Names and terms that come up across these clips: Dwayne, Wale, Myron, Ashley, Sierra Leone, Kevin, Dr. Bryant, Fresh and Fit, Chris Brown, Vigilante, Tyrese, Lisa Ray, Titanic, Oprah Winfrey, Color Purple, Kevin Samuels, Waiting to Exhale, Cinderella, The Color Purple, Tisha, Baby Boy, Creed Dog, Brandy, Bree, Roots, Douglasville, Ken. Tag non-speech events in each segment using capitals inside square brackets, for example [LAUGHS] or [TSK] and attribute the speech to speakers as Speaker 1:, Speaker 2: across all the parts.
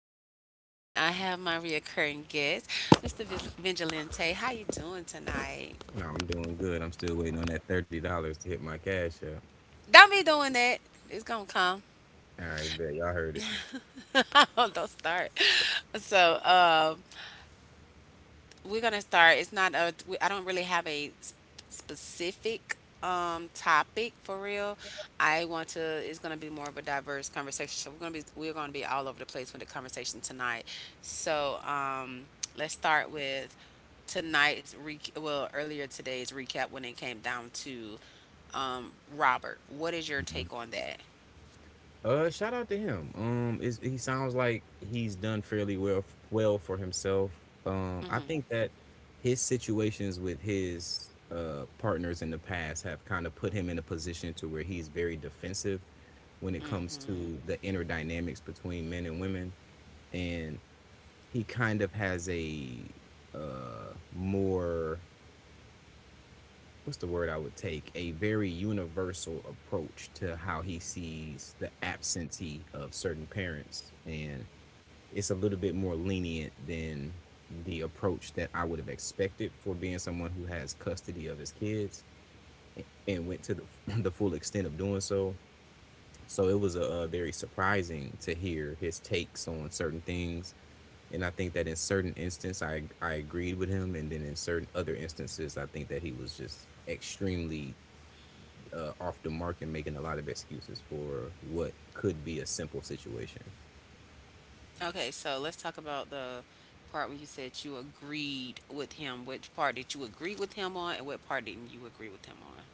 Speaker 1: with Yama, and I have my reoccurring guest, Mr. Vigilante. How you doing tonight?
Speaker 2: No, I'm doing good. I'm still waiting on that $30 to hit my cash app.
Speaker 1: Don't be doing that. It's gonna come.
Speaker 2: All right, bet y'all heard it.
Speaker 1: [LAUGHS] Don't start. So, we're gonna start. It's not a. we- I don't really have a specific topic for real. I want to. It's gonna be more of a diverse conversation. So we're gonna be all over the place with the conversation tonight. So let's start with tonight's re- well earlier today's recap when it came down to Robert. What is your take on that?
Speaker 2: Shout out to him. Is he sounds like he's done fairly well for himself. I think that his situations with his partners in the past have kind of put him in a position to where he's very defensive when it comes
Speaker 1: Mm-hmm.
Speaker 2: to the inner dynamics between men and women, and he kind of has a more — what's the word I would take? A very universal approach to how he sees the absentee of certain parents. And it's a little bit more lenient than the approach that I would have expected for being someone who has custody of his kids and went to the, [LAUGHS] the full extent of doing so. So it was very surprising to hear his takes on certain things. And I think that in certain instances, I agreed with him. And then in certain other instances, I think that he was just extremely off the mark and making a lot of excuses for what could be a simple situation.
Speaker 1: Okay, so let's talk about the part when you said you agreed with him. Which part did you agree with him on, and what part didn't you agree with him on?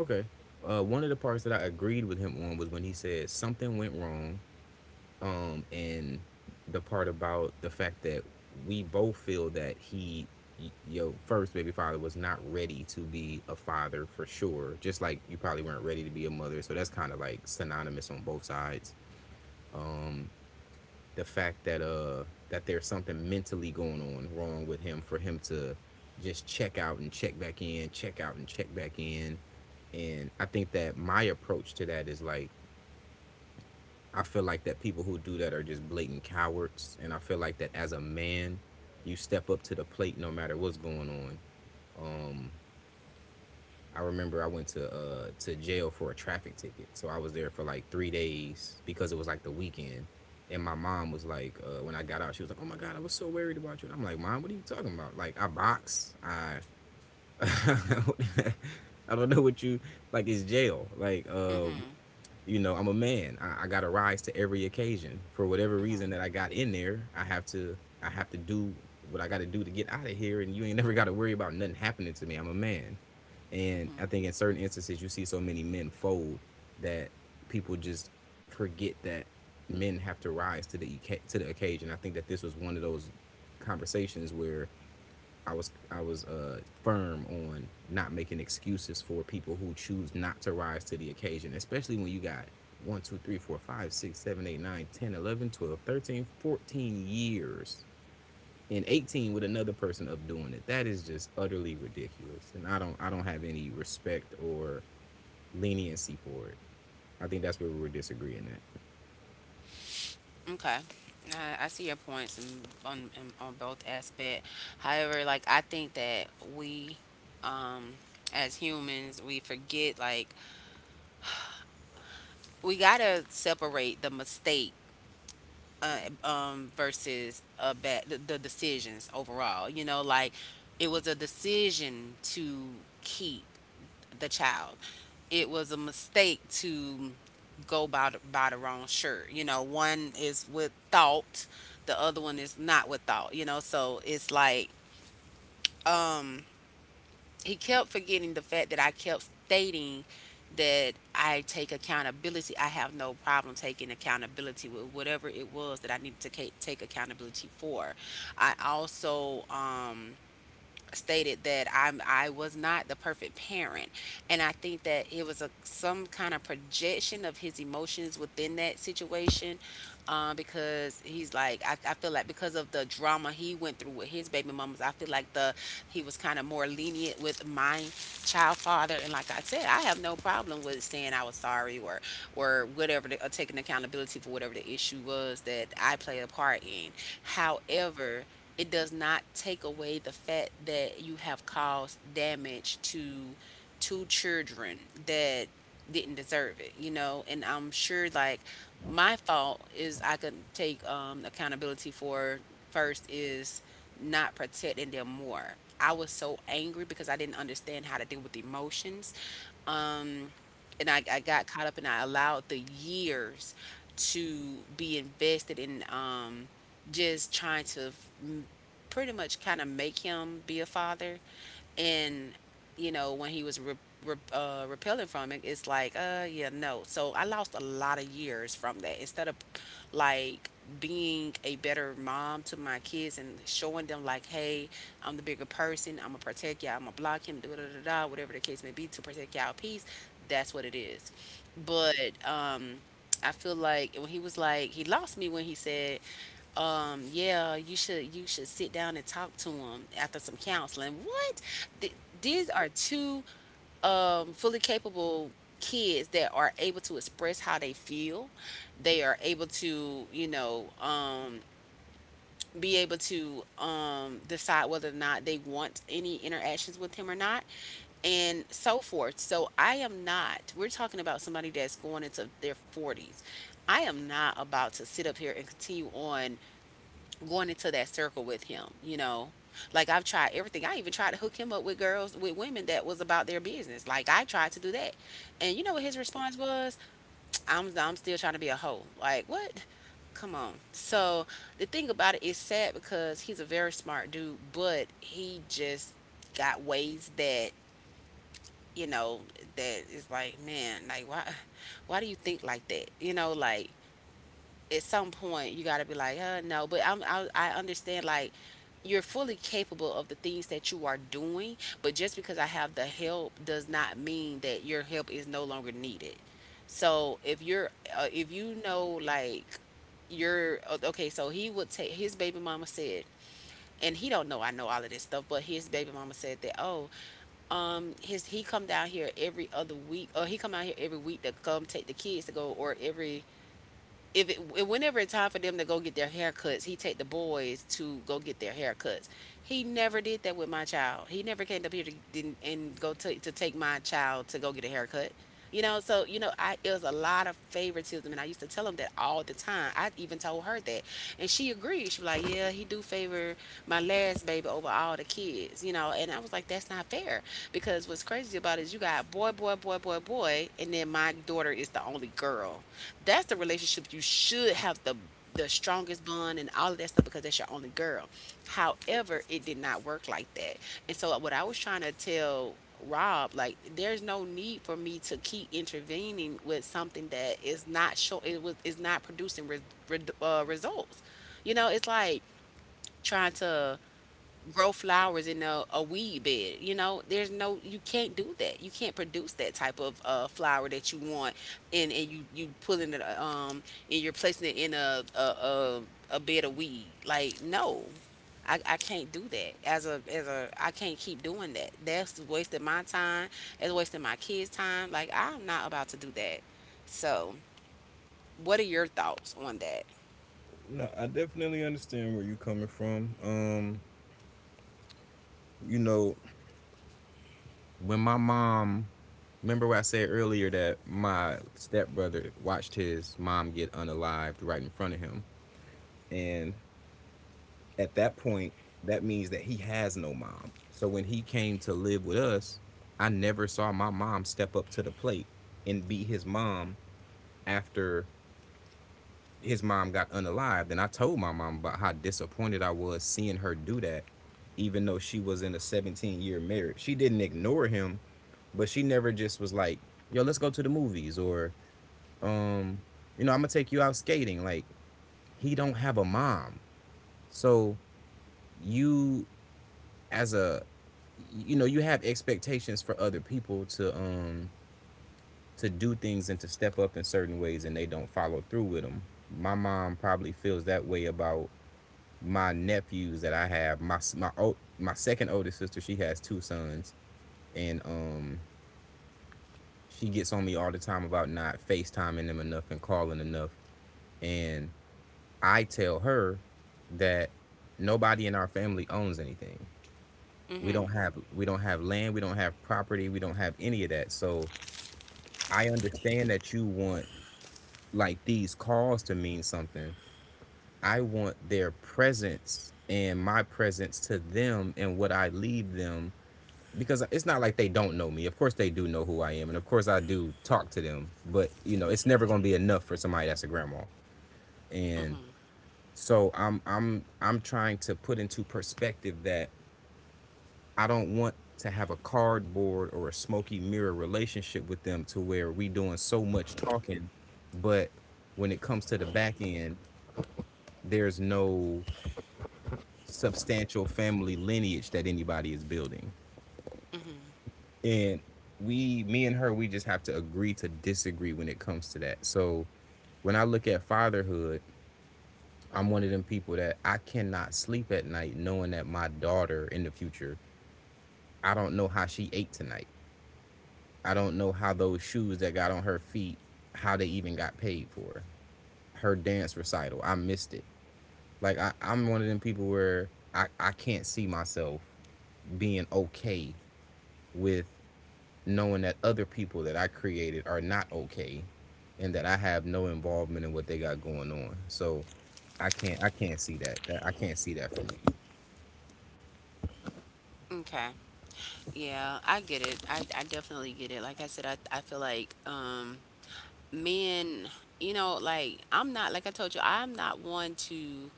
Speaker 2: Okay. One of the parts that I agreed with him on was when he said something went wrong, and the part about the fact that we both feel that he, your first baby father, was not ready to be a father for sure. Just like you probably weren't ready to be a mother, so that's kind of like synonymous on both sides. Um, the fact that there's something mentally going on wrong with him for him to just check out and check back in, check out and check back in. And I think that my approach to that is, like, I feel like that people who do that are just blatant cowards, and I feel like that as a man, you step up to the plate no matter what's going on. I remember I went to jail for a traffic ticket. So I was there for like 3 days because it was like the weekend. And my mom was like, when I got out, she was like, "Oh my God, I was so worried about you." And I'm like, "Mom, what are you talking about? Like, I box. I, [LAUGHS] I don't know what you like. It's jail. Like,
Speaker 1: Mhm.
Speaker 2: I'm a man. I got to rise to every occasion. For whatever reason
Speaker 1: Mhm.
Speaker 2: that I got in there, I have to do what I got to do to get out of here. And you ain't never got to worry about nothing happening to me. I'm a man." And I
Speaker 1: Mhm.
Speaker 2: think in certain instances, you see so many men fold, that people just forget that men have to rise to the occasion. I think that this was one of those conversations where I was firm on not making excuses for people who choose not to rise to the occasion, especially when you got one, 2, 3, 4, 5, 6, 7, 8, 9, 10, 11, 12, 13, 14 years and 18 with another person up doing it. That is just utterly ridiculous, and I don't have any respect or leniency for it. I think that's where we're disagreeing at.
Speaker 1: Okay. I see your points on both aspect. However, like I think that we, um, as humans, we forget like we gotta separate the mistake uh, versus the decisions overall. You know, like it was a decision to keep the child. It was a mistake to go buy by the wrong shirt. You know, one is with thought, the other one is not with thought. You know, so it's like. um, he kept forgetting the fact that I kept stating that I take accountability. I have no problem taking accountability with whatever it was that I needed to take accountability for. I also, stated that I was not the perfect parent, and I think that it was a some kind of projection of his emotions within that situation, because he's like I feel like because of the drama he went through with his baby mamas, I feel like the he was kind of more lenient with my child father, and like I said, I have no problem with saying I was sorry or whatever or taking accountability for whatever the issue was that I played a part in. However, it does not take away the fact that you have caused damage to two children that didn't deserve it, you know. And I'm sure like my fault is I could take accountability for first is not protecting them more. I was so angry because I didn't understand how to deal with emotions um, and I got caught up and I allowed the years to be invested in just trying to mm, pretty much kind of make him be a father. And you know, when he was repelling from it, it's like, uh, yeah, no, so I lost a lot of years from that instead of like being a better mom to my kids and showing them like, hey, I'm the bigger person, I'm gonna protect y'all, I'm gonna block him, da da da da, whatever the case may be to protect y'all peace. That's what it is. But um I feel like when he was like he lost me when he said, yeah, you should sit down and talk to him after some counseling. What? These are two fully capable kids that are able to express how they feel. They are able to, you know, be able to decide whether or not they want any interactions with him or not, and so forth. So I am not — we're talking about somebody that's going into their 40s. I am not about to sit up here and continue on going into that circle with him, you know. Like I've tried everything. I even tried to hook him up with girls, with women that was about their business. Like I tried to do that. And you know what his response was? I'm still trying to be a hoe. Like, what? Come on. So the thing about it is sad because he's a very smart dude, but he just got ways that, you know, that is like, man, like why do you think like that? You know, like at some point you got to be like, no. But I'm, I understand, like, you're fully capable of the things that you are doing. But just because I have the help does not mean that your help is no longer needed. So if you're, if you know, like, you're okay, so he would take his baby mama said. And he don't know I know all of this stuff, but his baby mama said that, oh, his — he come down here every other week, or he come out here every week to come take the kids to go, or every if it, whenever it's time for them to go get their haircuts, he take the boys to go get their haircuts. He never did that with my child. He never came up here to didn't, and go to take my child to go get a haircut. You know, so you know, I — it was a lot of favoritism, and I used to tell him that all the time. I even told her that, and she agreed. She was like, "Yeah, he do favor my last baby over all the kids." You know, and I was like, "That's not fair," because what's crazy about it is you got boy, boy, boy, boy, boy, and then my daughter is the only girl. That's the relationship — you should have the strongest bond and all of that stuff because that's your only girl. However, it did not work like that. And so what I was trying to tell Rob, like, there's no need for me to keep intervening with something that is not show it was is not producing results. You know, it's like trying to grow flowers in a weed bed. You know, there's no — you can't do that. You can't produce that type of flower that you want, and you pulling it and you're placing it in a bed of weed. Like, no. I can't do that as a I can't keep doing that. That's wasting my time. That's wasting my kids' time. Like, I'm not about to do that. So, what are your thoughts on that?
Speaker 2: No, I definitely understand where you're coming from. You know, When my mom — remember what I said earlier, that my stepbrother watched his mom get unalived right in front of him, and at that point, that means that he has no mom. So when he came to live with us, I never saw my mom step up to the plate and be his mom after his mom got unalived. And I told my mom about how disappointed I was seeing her do that, even though she was in a 17-year year marriage. She didn't ignore him, but she never just was like, "Yo, let's go to the movies," or, um, "I'm gonna take you out skating." Like, he don't have a mom. So you, as a — you know, you have expectations for other people to do things and to step up in certain ways, and they don't follow through with them. My mom probably feels that way about my nephews that I have. My second oldest sister, she has two sons, and she gets on me all the time about not facetiming them enough and calling enough. And I tell her that nobody in our family owns anything. we don't
Speaker 1: Mhm.
Speaker 2: have we don't have land, we don't have property, we don't have any of that. So I understand that you want, like, these calls to mean something. I want their presence, and my presence to them, and what I leave them, because it's not like they don't know me. Of course they do know who I am, and of course I do talk to them, but, you know, it's never going to be enough for somebody that's a grandma. And so I'm trying to put into perspective that I don't want to have a cardboard or a smoky mirror relationship with them, to where we doing so much talking, but when it comes to the back end, there's no substantial family lineage that anybody is building. And we me and her, we just have to agree to disagree when it comes to that. So when I look at fatherhood, I'm one of them people that I cannot sleep at night knowing that my daughter in the future, I don't know how she ate tonight. I don't know how those shoes that got on her feet, how they even got paid for. Her dance recital, I missed it. Like, I'm one of them people where I can't see myself being okay with knowing that other people that I created are not okay, and that I have no involvement in what they got going on. So I can't see that. That I can't see that for me.
Speaker 1: Okay. Yeah, I get it. I definitely get it. Like I said, I feel like men, you know, like I'm not — like I told you, I'm not one to —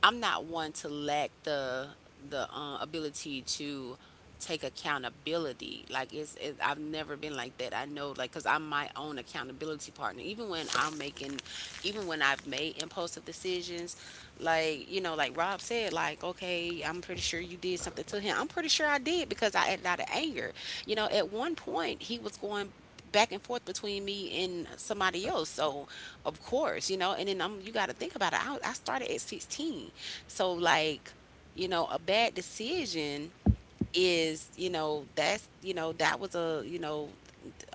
Speaker 1: I'm not one to lack the ability to take accountability. Like it's, it, I've never been like that. I know, like, cause I'm my own accountability partner. Even when I'm making, even when I've made impulsive decisions, like, you know, like Rob said, like, okay, I'm pretty sure you did something to him. I'm pretty sure I did because I acted out of anger. You know, at one point he was going back and forth between me and somebody else. So, of course, you know, and then I'm — you got to think about it. I started at 16. So, like, you know, a bad decision is, you know, that's, you know, that was a, you know,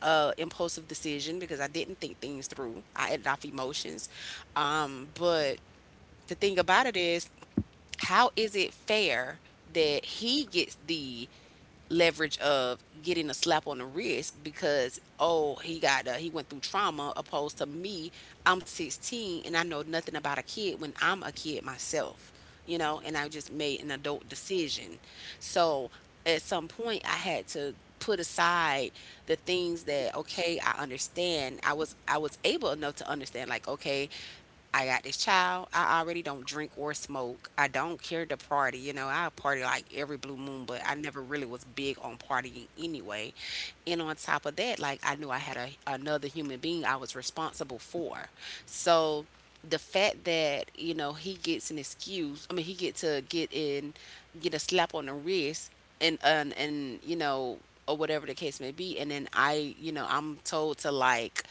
Speaker 1: a impulsive decision because I didn't think things through. I added off emotions. But the thing about it is, how is it fair that he gets the leverage of getting a slap on the wrist because, oh, he got he went through trauma opposed to me? I'm 16 and I know nothing about a kid when I'm a kid myself, you know. And I just made an adult decision. So at some point I had to put aside the things that, okay, I understand, I was able enough to understand, like, okay, I got this child. I already don't drink or smoke. I don't care to party. You know, I party like every blue moon, but I never really was big on partying anyway. And on top of that, like, I knew I had another human being I was responsible for. So the fact that, you know, he gets an excuse, I mean, he get to get in, get a slap on the wrist, and, you know, or whatever the case may be. And then I, you know, I'm told to, like,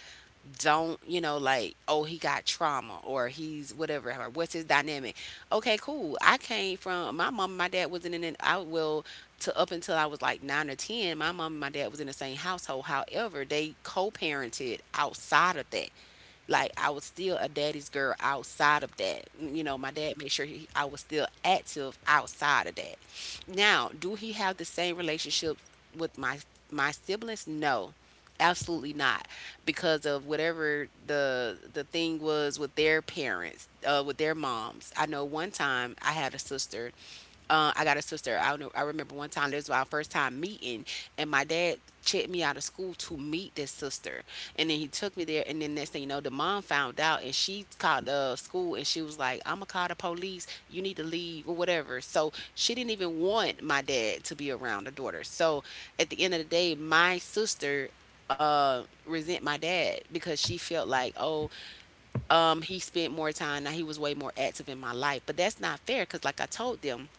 Speaker 1: don't, you know, like, oh, he got trauma or he's whatever or what's his dynamic. Okay, cool. I came from my mom and my dad wasn't in an I will to — up until I was like 9 or 10, my mom and my dad was in the same household, however they co-parented outside of that. Like, I was still a daddy's girl outside of that. You know, my dad made sure he — I was still active outside of that. Now, do he have the same relationship with my my siblings? No. Absolutely not, because of whatever the thing was with their parents, with their moms. I know one time I had a sister I got a sister. I know. I remember one time this was our first time meeting, and my dad checked me out of school to meet this sister, and then he took me there. And then next thing you know, the mom found out, and she called the school, and she was like, "I'm gonna call the police. You need to leave or whatever." So she didn't even want my dad to be around the daughter. So at the end of the day, my sister resent my dad because she felt like oh, he spent more time. Now he was way more active in my life, but that's not fair because like I told them,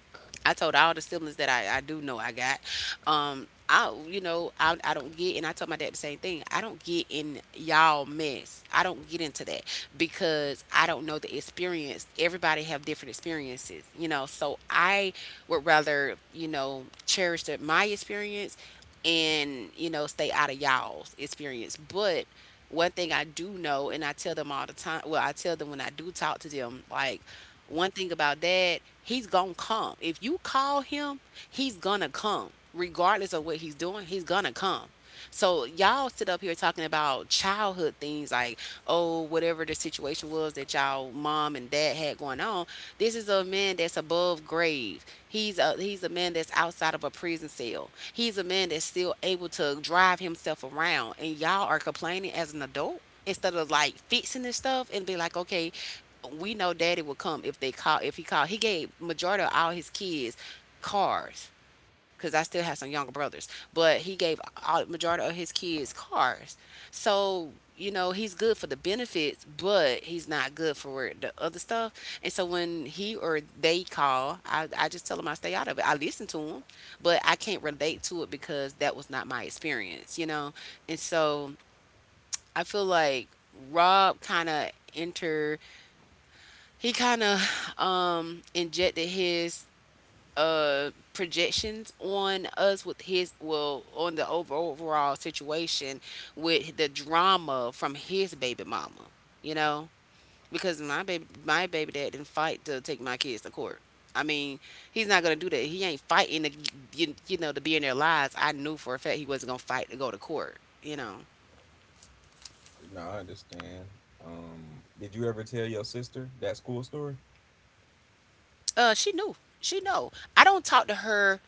Speaker 1: I told all the siblings that I do know I got. I, you know, I don't get, and I told my dad the same thing. I don't get in y'all mess. I don't get into that because I don't know the experience. Everybody have different experiences, you know. So I would rather, you know, cherish my experience, and, you know, stay out of y'all's experience. But one thing I do know, and I tell them all the time. Well, I tell them when I do talk to them, like one thing about dad, he's gonna come. If you call him, he's gonna come. Regardless of what he's doing, he's gonna come. So y'all sit up here talking about childhood things like, oh, whatever the situation was that y'all mom and dad had going on. This is a man that's above grave. He's a man that's outside of a prison cell. He's a man that's still able to drive himself around. And y'all are complaining as an adult instead of like fixing this stuff and be like, okay, we know daddy would come if they call. If he called, he gave majority of all his kids cars, because I still have some younger brothers. But he gave all, majority of his kids cars. So, you know, he's good for the benefits, but he's not good for the other stuff. And so when he or they call, I just tell them, I stay out of it, I listen to them, but I can't relate to it because that was not my experience, you know. And so I feel like Rob kind of, he kind of injected his projections on us with his, well, on the overall situation with the drama from his baby mama, you know. Because my baby dad didn't fight to take my kids to court. I mean, he's not gonna do that. He ain't fighting to, you know, to be in their lives. I knew for a fact he wasn't gonna fight to go to court, you know.
Speaker 2: No, I understand. Did you ever tell your sister that school story?
Speaker 1: She knew. She know. I don't talk to her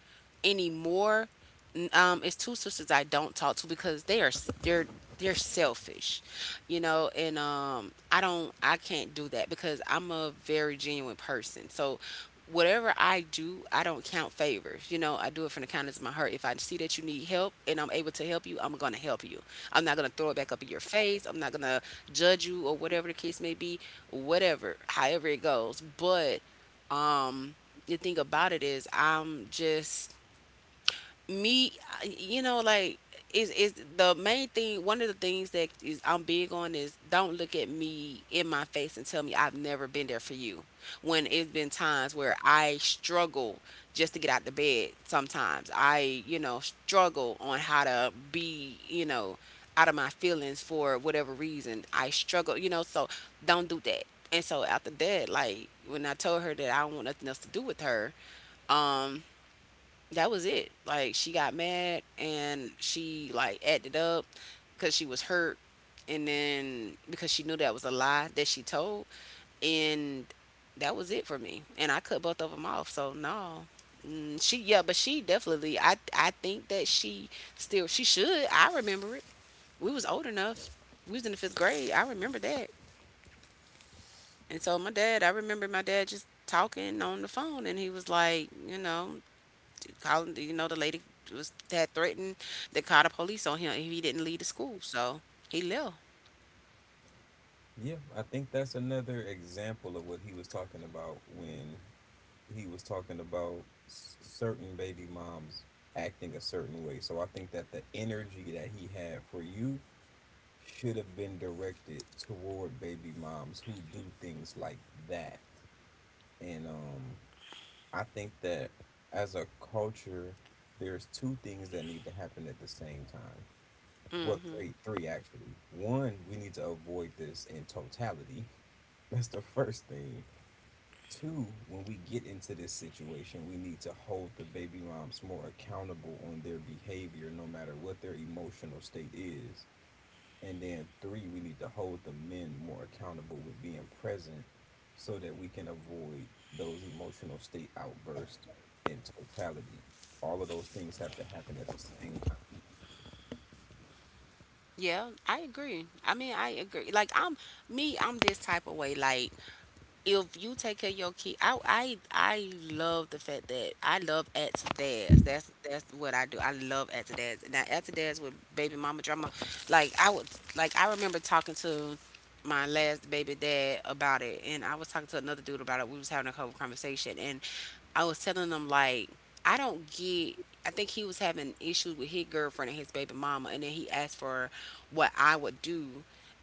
Speaker 1: anymore. It's two sisters I don't talk to because they are they're selfish, you know. And I don't, I can't do that because I'm a very genuine person. So whatever I do, I don't count favors. You know, I do it from the kindness of my heart. If I see that you need help and I'm able to help you, I'm gonna help you. I'm not gonna throw it back up in your face. I'm not gonna judge you or whatever the case may be, whatever, however it goes. But um, the thing about it is, I'm just me, you know. Like, is the main thing, one of the things that is, I'm big on is don't look at me in my face and tell me I've never been there for you when it's been times where I struggle just to get out the bed sometimes. I, you know, struggle on how to be, you know, out of my feelings for whatever reason. I struggle, you know. So don't do that. And so after that, like when I told her that I don't want nothing else to do with her, um, that was it. Like she got mad and she like acted up because she was hurt, and then because she knew that was a lie that she told, and that was it for me. And I cut both of them off. So no, she, yeah, but she definitely. I think that she still, she should. I remember it. We was old enough. We was in the fifth grade. I remember that. And so my dad, I remember my dad just talking on the phone, and he was like, you know, calling, you know, the lady was had threatened to call the police on him if he didn't leave the school. So he left.
Speaker 2: Yeah, I think that's another example of what he was talking about when he was talking about certain baby moms acting a certain way. So I think that the energy that he had for you should have been directed toward baby moms who do things like that. And I think that as a culture there's two things that need to happen at the same time. Well,
Speaker 1: Mm-hmm.
Speaker 2: three actually. One, we need to avoid this in totality. [LAUGHS] That's the first thing. Two, when we get into this situation, we need to hold the baby moms more accountable on their behavior, no matter what their emotional state is. And then three, we need to hold the men more accountable with being present, so that we can avoid those emotional state outbursts in totality. All of those things have to happen at the same time.
Speaker 1: Yeah, I agree. I mean, I agree. Like I'm me, I'm this type of way. Like if you take care of your kid, I love the fact that I love aunts dads. That's what I do. I love aunts dads. Now aunts dads with baby mama drama. Like I would, like I remember talking to my last baby dad about it, and I was talking to another dude about it. We was having a whole conversation. I was telling him like, I don't get. I think he was having issues with his girlfriend and his baby mama, and then he asked for what I would do,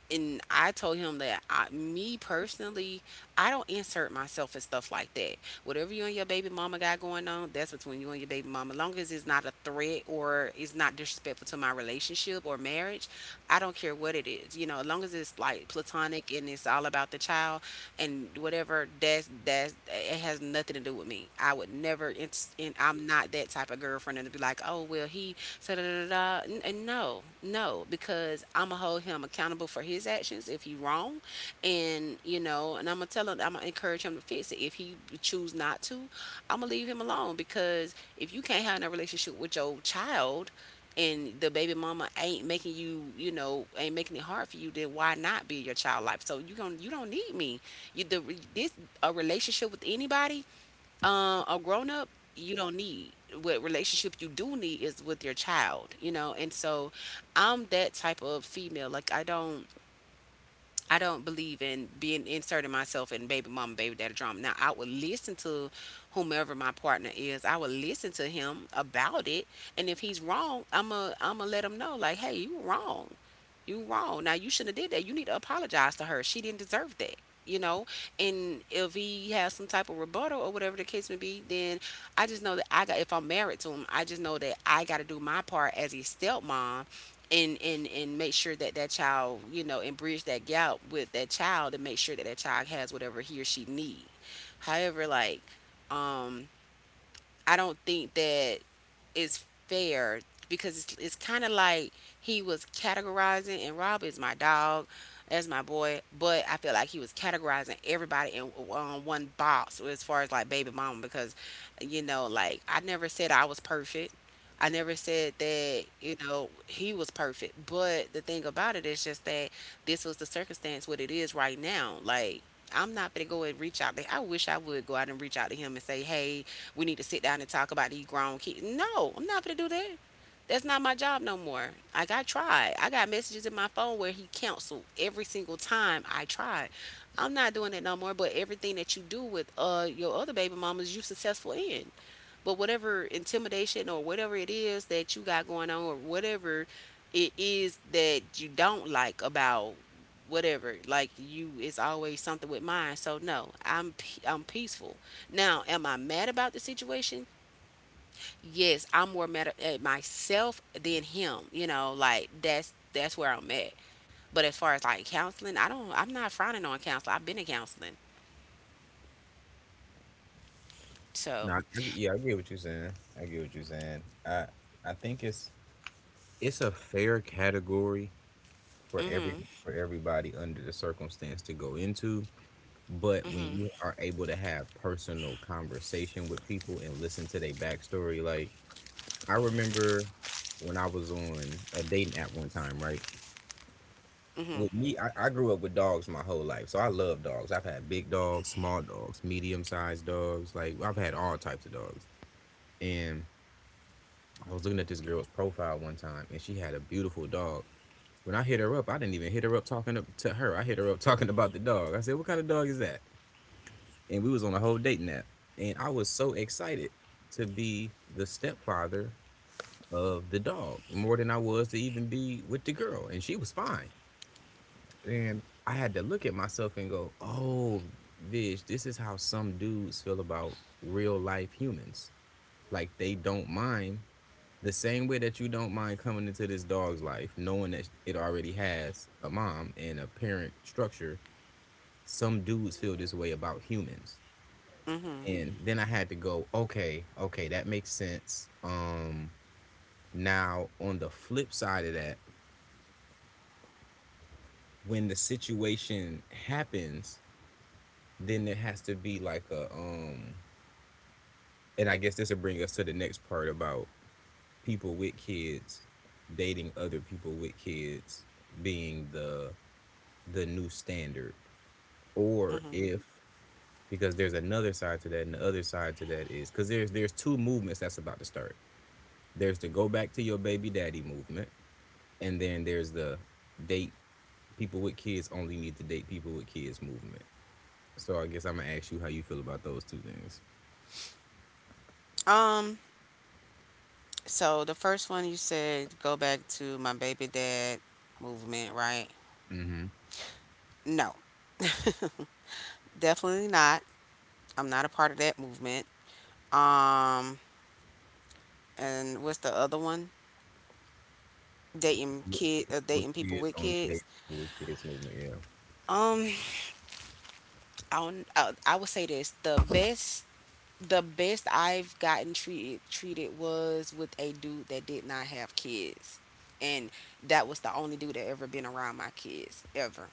Speaker 1: and I told him that me personally, I don't insert myself in stuff like that. Whatever you and your baby mama got going on, that's between you and your baby mama. Long as it's not a threat or it's not disrespectful to my relationship or marriage, I don't care what it is. You know, as long as it's like platonic and it's all about the child, and whatever, that's it, has nothing to do with me. I would never, it's, and I'm not that type of girlfriend and be like, oh well, he said da, da, da, da. N- and No, no, because I'm gonna hold him accountable for his actions if he wrong. And you know, and I'm gonna tell him, I'm gonna encourage him to fix it. If he choose not to, I'm gonna leave him alone, because if you can't have a relationship with your child, and the baby mama ain't making you know, ain't making it hard for you, then why not be your child life? So you going, you don't need me. This a relationship with anybody, a grown up, you don't need. What relationship you do need is with your child, you know. And so, I'm that type of female. Like I don't believe in being inserting myself in baby mama, baby daddy drama. Now I would listen to whomever my partner is. I would listen to him about it, and if he's wrong, I'm a let him know. Like, hey, you were wrong. You wrong. Now you shouldn't have did that. You need to apologize to her. She didn't deserve that. You know, and if he has some type of rebuttal or whatever the case may be, then I just know that I got. If I'm married to him, I just know that I got to do my part as his stepmom, and and make sure that that child, you know, and bridge that gap with that child, and make sure that that child has whatever he or she need. However, like, um, I don't think that is fair, because it's kind of like he was categorizing, and Rob is my dog, as my boy, but I feel like he was categorizing everybody in one box as far as like baby mama. Because you know, like I never said I was perfect. I never said that, you know, he was perfect. But the thing about it is just that this was the circumstance, what it is right now. Like, I'm not gonna go and reach out. I wish I would go out and reach out to him and say, "Hey, we need to sit down and talk about these grown kids." No, I'm not going to do that. That's not my job no more. Like I tried. I got messages in my phone where he canceled every single time I tried. I'm not doing that no more. But everything that you do with your other baby mamas, you successful in. But whatever intimidation or whatever it is that you got going on or whatever it is that you don't like about whatever, like you it's always something with mine. So no, I'm peaceful now. Am I mad about the situation? Yes, I'm more mad at myself than him, like that's where I'm at. But as far as like counseling, I'm not frowning on counseling, I've been in counseling. So
Speaker 2: No, yeah, I get what you're saying. I get what you're saying. I think it's a fair category for every
Speaker 1: mhm.
Speaker 2: for everybody under the circumstance to go into, but when you
Speaker 1: Mhm.
Speaker 2: are able to have personal conversation with people and listen to their backstory, like, I remember when I was on a dating app one time, right?
Speaker 1: Mhm.
Speaker 2: With me, I grew up with dogs my whole life, so I love dogs. I've had big dogs, small dogs, medium sized dogs, like I've had all types of dogs, and I was looking at this girl's profile one time, and she had a beautiful dog. When I hit her up, I didn't even hit her up talking to her. I hit her up [LAUGHS] talking about the dog. I said, "What kind of dog is that?" And we was on a whole dating app, and I was so excited to be the stepfather of the dog more than I was to even be with the girl, and she was fine. And I had to look at myself and go, "Oh, Vish, this is how some dudes feel about real life humans. Like, they don't mind — the same way that you don't mind coming into this dog's life, knowing that it already has a mom and a parent structure, some dudes feel this way about humans."
Speaker 1: Mhm.
Speaker 2: And then I had to go, okay, okay, that makes sense. Now on the flip side of that, when the situation happens, then there has to be like a and I guess this will bring us to the next part about people with kids dating other people with kids being the new standard, or
Speaker 1: Mhm.
Speaker 2: if because there's another side to that, and the other side to that is because there's two movements that's about to start. There's the go back to your baby daddy movement, and then there's the date, people with kids only need to date people with kids movement. So I guess I'm gonna ask you how you feel about those two things.
Speaker 1: um So the first one you said, go back to my baby dad movement, right?
Speaker 2: Mm-hmm.
Speaker 1: No, definitely not. I'm not a part of that movement. Um, and what's the other one? Dating
Speaker 2: with,
Speaker 1: kid,
Speaker 2: with
Speaker 1: dating people
Speaker 2: kids
Speaker 1: with
Speaker 2: only
Speaker 1: kids.
Speaker 2: date people with kids movement, yeah.
Speaker 1: Um, I don't- I would say this: the best I've gotten treated was with a dude that did not have kids, and that was the only dude that ever been around my kids ever.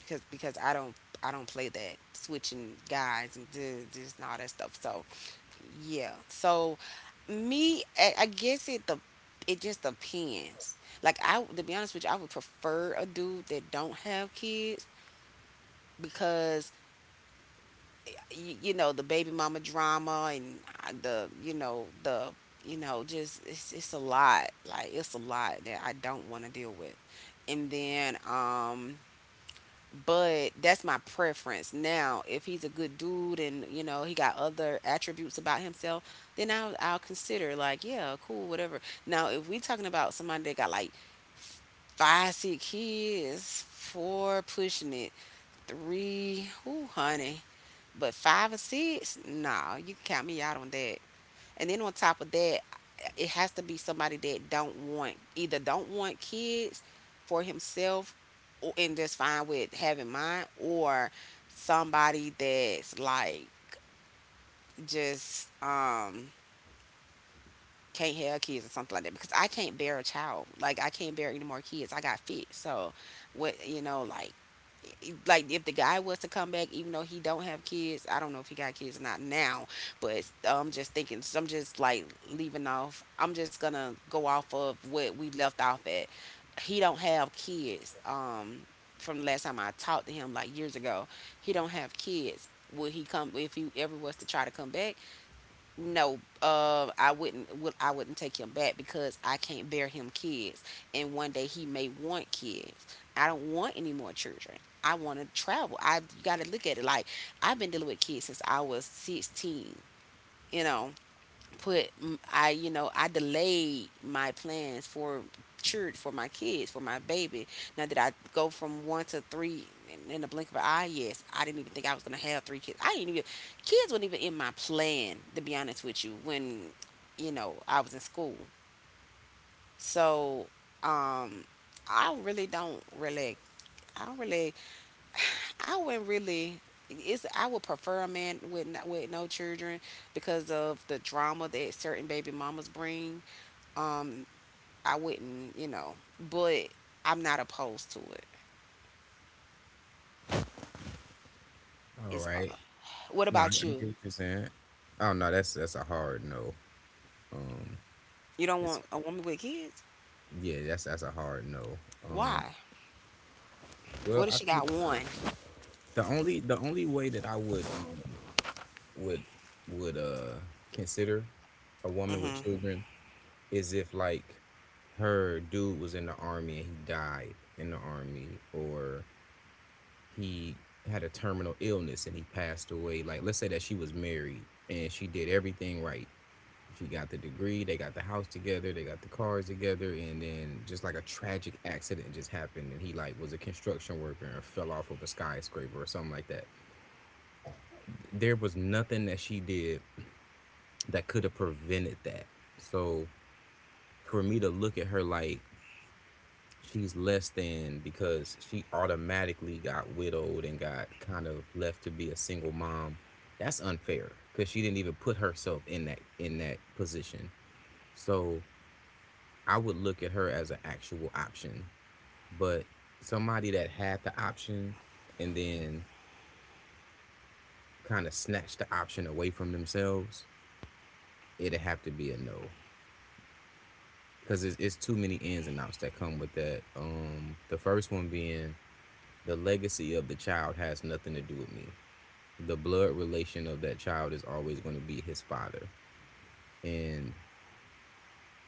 Speaker 1: Because I don't play that switching guys and d- just and all that stuff. So yeah. So me, I guess it just depends. Like I, to be honest with you, I would prefer a dude that don't have kids because you know the baby mama drama, and I- the you know just it's a lot. Like it's a lot that I don't want to deal with. And then But that's my preference. Now if he's a good dude and you know he got other attributes about himself, then I'll consider like yeah cool whatever. Now if we talking about somebody that got like 5 6 kids, four pushing it, 3 ooh honey, but 5 or 6, nah, you can count me out on that. And then on top of that, it has to be somebody that don't want, either don't want kids for himself, or, and just fine with having mine, or somebody that's like just can't have kids or something like that, because I can't bear a child. Like I can't bear any more kids. I got fit. So like like if the guy was to come back, even though he don't have kids, I don't know if he got kids or not now, but I'm just thinking, I'm just like leaving off. I'm just gonna go off of what we left off at. He don't have kids. From the last time I talked to him, like years ago, he don't have kids. Would he come, if he ever was to try to come back? No, I wouldn't take him back because I can't bear him kids. And one day he may want kids, I don't want any more children. I want to travel. I got to look at it like I've been dealing with kids since I was 16, you know. I, you know, I delayed my plans for church, for my kids, for my baby. Now did I go from 1 to 3 in the blink of an eye? Yes, I didn't even think I was gonna have 3 kids. I didn't even, kids weren't even in my plan, to be honest with you, when you know I was in school. So um, I really don't really I don't really I wouldn't really. It's I would prefer a man with with no children because of the drama that certain baby mamas bring. Um, I wouldn't, you know, but I'm not opposed to it.
Speaker 2: All
Speaker 1: Is,
Speaker 2: right.
Speaker 1: what
Speaker 2: no i,
Speaker 1: about
Speaker 2: I
Speaker 1: you?
Speaker 2: get what you're saying. Oh no, that's a hard no. um
Speaker 1: You don't
Speaker 2: it's
Speaker 1: want a woman with kids?
Speaker 2: Yeah, that's a hard no. um
Speaker 1: Why?
Speaker 2: well
Speaker 1: What if
Speaker 2: I
Speaker 1: she
Speaker 2: think
Speaker 1: got one?
Speaker 2: The only way that I would would would uh consider a woman with
Speaker 1: Mhm.
Speaker 2: children is if, like, her dude was in the army and he died in the army, or he had a terminal illness and he passed away. Like, let's say that she was married and she did everything right. She got the degree, they got the house together, they got the cars together, and then just like a tragic accident just happened and he, like, was a construction worker and fell off of a skyscraper or something like that. There was nothing that she did that could have prevented that. So for me to look at her like she's less than because she automatically got widowed and got kind of left to be a single mom, that's unfair because she didn't even put herself in that position. So I would look at her as an actual option, but somebody that had the option and then kind of snatched the option away from themselves, it'd have to be a no. Because it's too many ins and outs that come with that. The first one being, the legacy of the child has nothing to do with me. The blood relation of that child is always going to be his father, and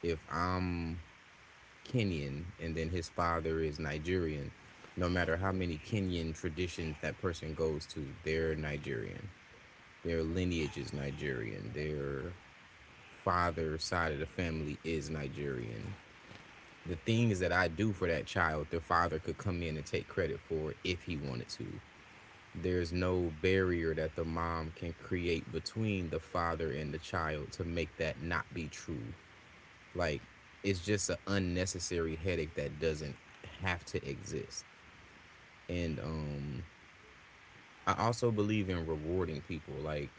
Speaker 2: if I'm Kenyan and then his father is Nigerian, no matter how many Kenyan traditions that person goes to, they're Nigerian. Their lineage is Nigerian. Their father side of the family is Nigerian. The things that I do for that child, the father could come in and take credit for if he wanted to. There's no barrier that the mom can create between the father and the child to make that not be true. Like, it's just an unnecessary headache that doesn't have to exist. And I also believe in rewarding people. Like,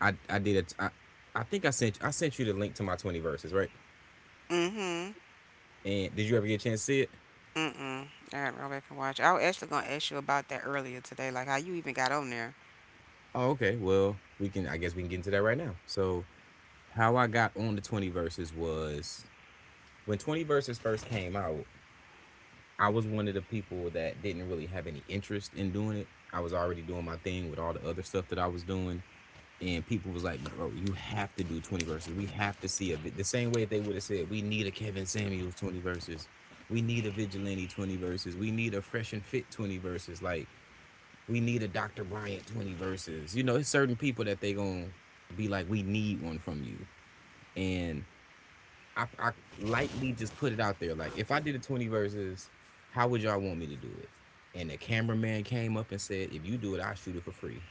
Speaker 2: I did a, t- I think I sent you the link to my 20 verses, right?
Speaker 1: Mhm.
Speaker 2: And did you ever get a chance to see it?
Speaker 1: Mm-mm. All right, go back and watch. I was actually gonna ask you about that earlier today, like how you even got on there.
Speaker 2: Oh, okay. Well, I guess we can get into that right now. So, how I got on the 20 verses was, when 20 verses first came out, I was one of the people that didn't really have any interest in doing it. I was already doing my thing with all the other stuff that I was doing. And people was like, "Bro, you have to do 20 verses. We have to see a bit." The same way they would have said, we need a Kevin Samuels 20 verses. We need a Vigilante 20 verses. We need a Fresh and Fit 20 verses. Like, we need a Dr. Bryant 20 verses. You know, it's certain people that they going to be like, we need one from you. And I lightly just put it out there. Like, if I did a 20 verses, how would y'all want me to do it? And the cameraman came up and said, if you do it, I'll shoot it for free.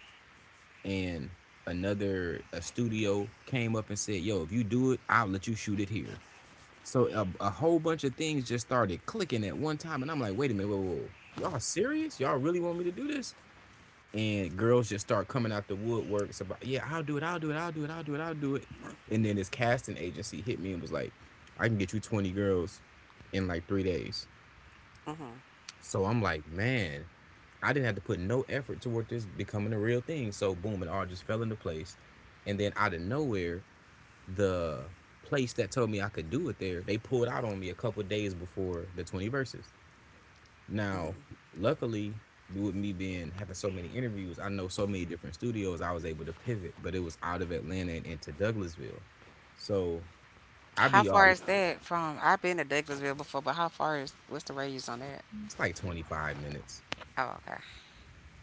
Speaker 2: And another a studio came up and said, yo, if you do it, I'll let you shoot it here. So a whole bunch of things just started clicking at one time. And I'm like, wait a minute, whoa, whoa, whoa. Y'all serious? Y'all really want me to do this? And girls just start coming out the woodworks about, yeah, I'll do it, I'll do it, I'll do it, I'll do it, I'll do it. And then this casting agency hit me and was like, I can get you 20 girls in like 3 days.
Speaker 1: Mhm.
Speaker 2: So I'm like, man, I didn't have to put no effort toward this becoming a real thing, so boom, it all just fell into place. And then out of nowhere, the place that told me I could do it there, they pulled out on me a couple of days before the 20 verses. Now,
Speaker 1: Mhm.
Speaker 2: luckily, with me being having so many interviews, I know so many different studios. I was able to pivot, but it was out of Atlanta and into Douglasville, so I
Speaker 1: How
Speaker 2: be all.
Speaker 1: far is that from? I've been to Douglasville before, but how far is? What's the radius on that?
Speaker 2: It's like 25 minutes.
Speaker 1: Oh, okay.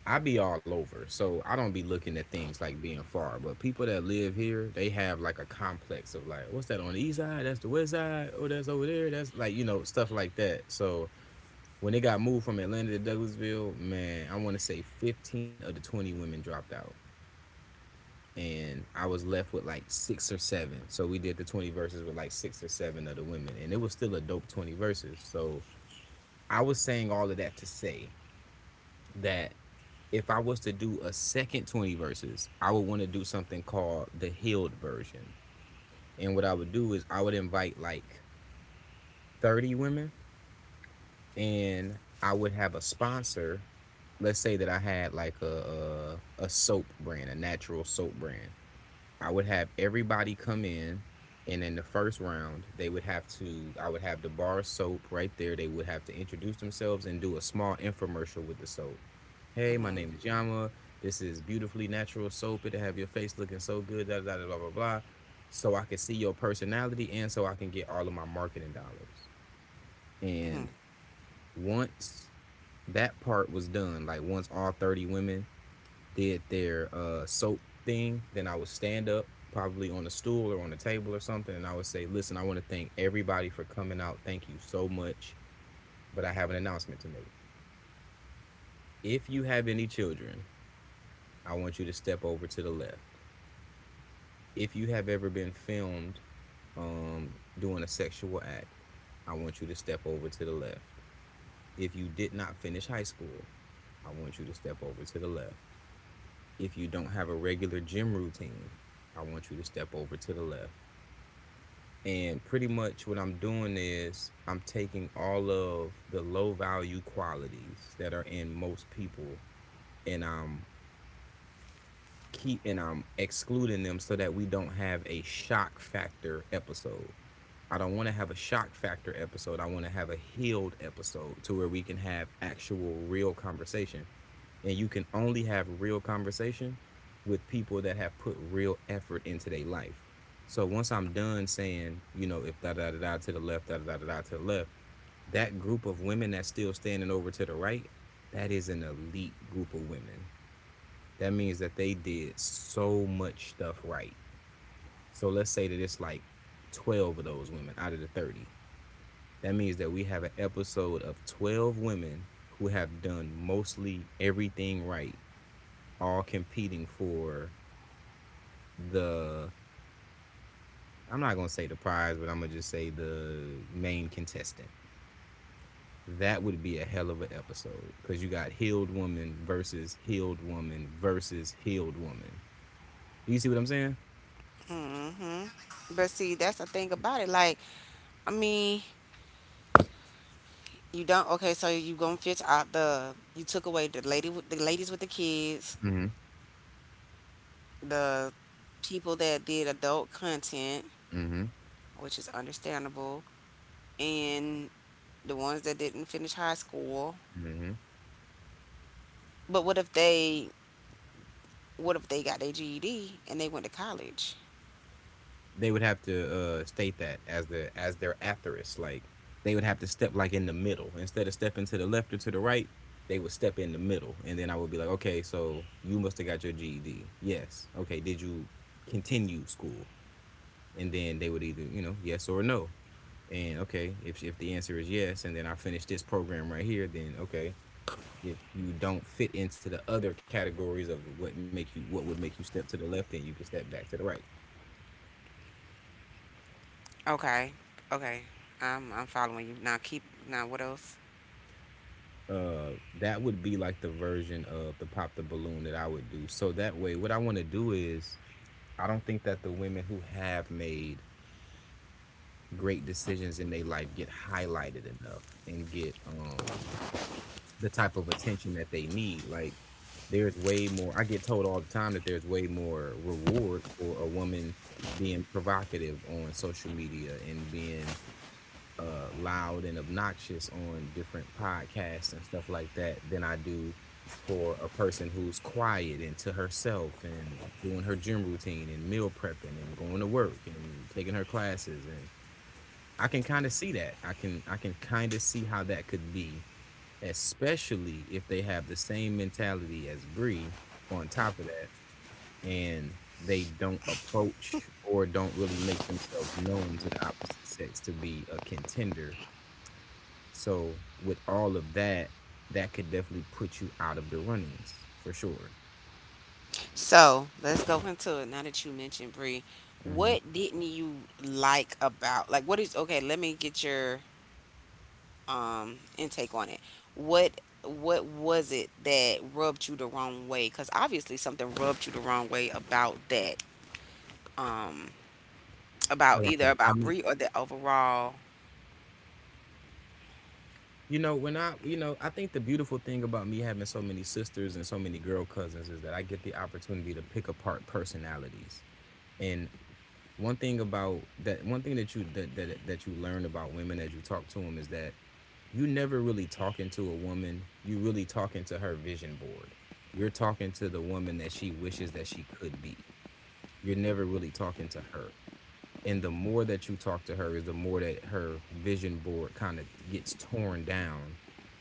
Speaker 2: I be all over, so I don't be looking at things like being far. But people that live here, they have like a complex of like, what's that on the east side? That's the west side. Oh, that's over there. That's like, you know, stuff like that. So when they got moved from Atlanta to Douglasville, man, I want to say 15 of the 20 women dropped out. And I was left with like six or seven. So we did the 20 verses with like six or seven of the women, and it was still a dope 20 verses. So I was saying all of that to say that if I was to do a second 20 verses, I would want to do something called the healed version. And what I would do is I would invite like 30 women, and I would have a sponsor. Let's say that I had like a soap brand, a natural soap brand. I would have everybody come in, and in the first round, they would have to — I would have the bar soap right there. They would have to introduce themselves and do a small infomercial with the soap. Hey, my
Speaker 1: Mhm.
Speaker 2: name is Yama. This is beautifully natural soap. It'll have your face looking so good. Da da da blah blah blah. So I can see your personality, and so I can get all of my marketing dollars.
Speaker 1: Mhm.
Speaker 2: And once that part was done, like once all 30 women did their soap thing, then I would stand up, probably on a stool or on a table or something, and I would say, "Listen, I want to thank everybody for coming out. Thank you so much. But I have an announcement to make. If you have any children, I want you to step over to the left. If you have ever been filmed um, doing a sexual act, I want you to step over to the left. If you did not finish high school, I want you to step over to the left. If you don't have a regular gym routine, I want you to step over to the left." And pretty much what I'm doing is I'm taking all of the low value qualities that are in most people, and I'm keep and I'm excluding them so that we don't have a shock factor episode. I don't want to have a shock factor episode. I want to have a healed episode to where we can have actual real conversation, and you can only have real conversation with people that have put real effort into their life. So once I'm done saying, you know, if da da da da to the left, da da da da to the left, that group of women that's still standing over to the right, that is an elite group of women. That means that they did so much stuff right. So let's say that it's like 12 of those women out of the 30. That means that we have an episode of 12 women who have done mostly everything right, all competing for the — I'm not gonna say the prize, but I'm gonna just say the main contestant. That would be a hell of an episode because you got healed woman versus healed woman versus healed woman. Do you see what I'm saying?
Speaker 1: Mhm. But see, that's the thing about it. Like, I mean, you don't. Okay, so you gonna fetch out the, you took away the lady, with the ladies with the kids,
Speaker 2: Mm-hmm.
Speaker 1: the people that did adult content,
Speaker 2: Mm-hmm.
Speaker 1: which is understandable, and the ones that didn't finish high school.
Speaker 2: Mm-hmm.
Speaker 1: But what if they? What if they got their GED and they went to college?
Speaker 2: They would have to state that as the as their asterisk. Like, they would have to step like in the middle instead of stepping to the left or to the right. They would step in the middle, and then I would be like, okay, so you must have got your GED. Yes. Okay. Did you continue school? And then they would either yes or no. And okay, if the answer is yes, and then I finish this program right here, then okay. If you don't fit into the other categories of what would make you step to the left, then you can step back to the right.
Speaker 1: Okay, okay. I'm following you now. Keep now. What else?
Speaker 2: uh that would be like the version of the pop the balloon that I would do. So that way what I want to do is, I don't think that the women who have made great decisions in their life get highlighted enough and get the type of attention that they need. Like there's way more I get told all the time that there's way more reward for a woman being provocative on social media and being loud and obnoxious on different podcasts and stuff like that than I do for a person who's quiet and to herself and doing her gym routine and meal prepping and going to work and taking her classes, and I can kind of see that. I can kind of see how that could be, especially if they have the same mentality as Bree on top of that, and they don't approach or don't really make themselves known to the opposite sex to be a contender. So with all of that, that could definitely put you out of the runnings for sure.
Speaker 1: So let's go into it. Now that you mentioned Bree,
Speaker 2: Hmm.
Speaker 1: what didn't you like about, like what is, okay? Let me get your intake on it. What was it that rubbed you the wrong way? Because obviously something rubbed you the wrong way about that, um, about
Speaker 2: About
Speaker 1: either
Speaker 2: that
Speaker 1: about
Speaker 2: comment.
Speaker 1: Brie or the overall.
Speaker 2: You know, when I, you know, I think the beautiful thing about me having so many sisters and so many girl cousins is that I get the opportunity to pick apart personalities. And one thing about that, one thing that you learn about women as you talk to them is that you never really talking to a woman. You really talking to her vision board. You're talking to the woman that she wishes that she could be. You're never really talking to her. And the more that you talk to her is the more that her vision board kind of gets torn down,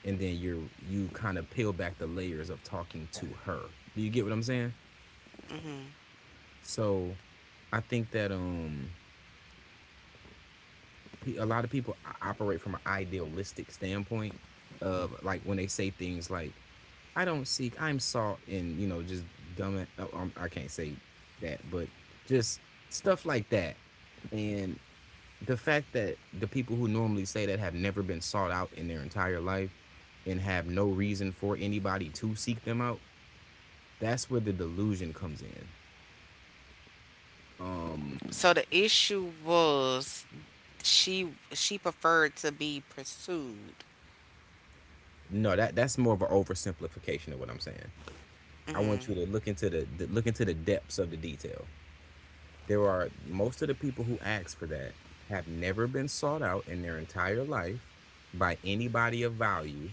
Speaker 2: and then you're, you kind of peel back the layers of talking to her. Do you get what I'm saying?
Speaker 1: Hmm,
Speaker 2: So I think that a lot of people operate from an idealistic standpoint, of like when they say things like, I don't seek, I'm sought, and you know, just dumb I can't say that, but just stuff like that. And the fact that the people who normally say that have never been sought out in their entire life and have no reason for anybody to seek them out, that's where the delusion comes in. um
Speaker 1: so the issue was she, preferred to be pursued.
Speaker 2: no, that that's more of an oversimplification of what I'm saying. I want
Speaker 1: Hmm.
Speaker 2: you to look into the look into the depths of the detail. There are most of the people who ask for that have never been sought out in their entire life, by anybody of value,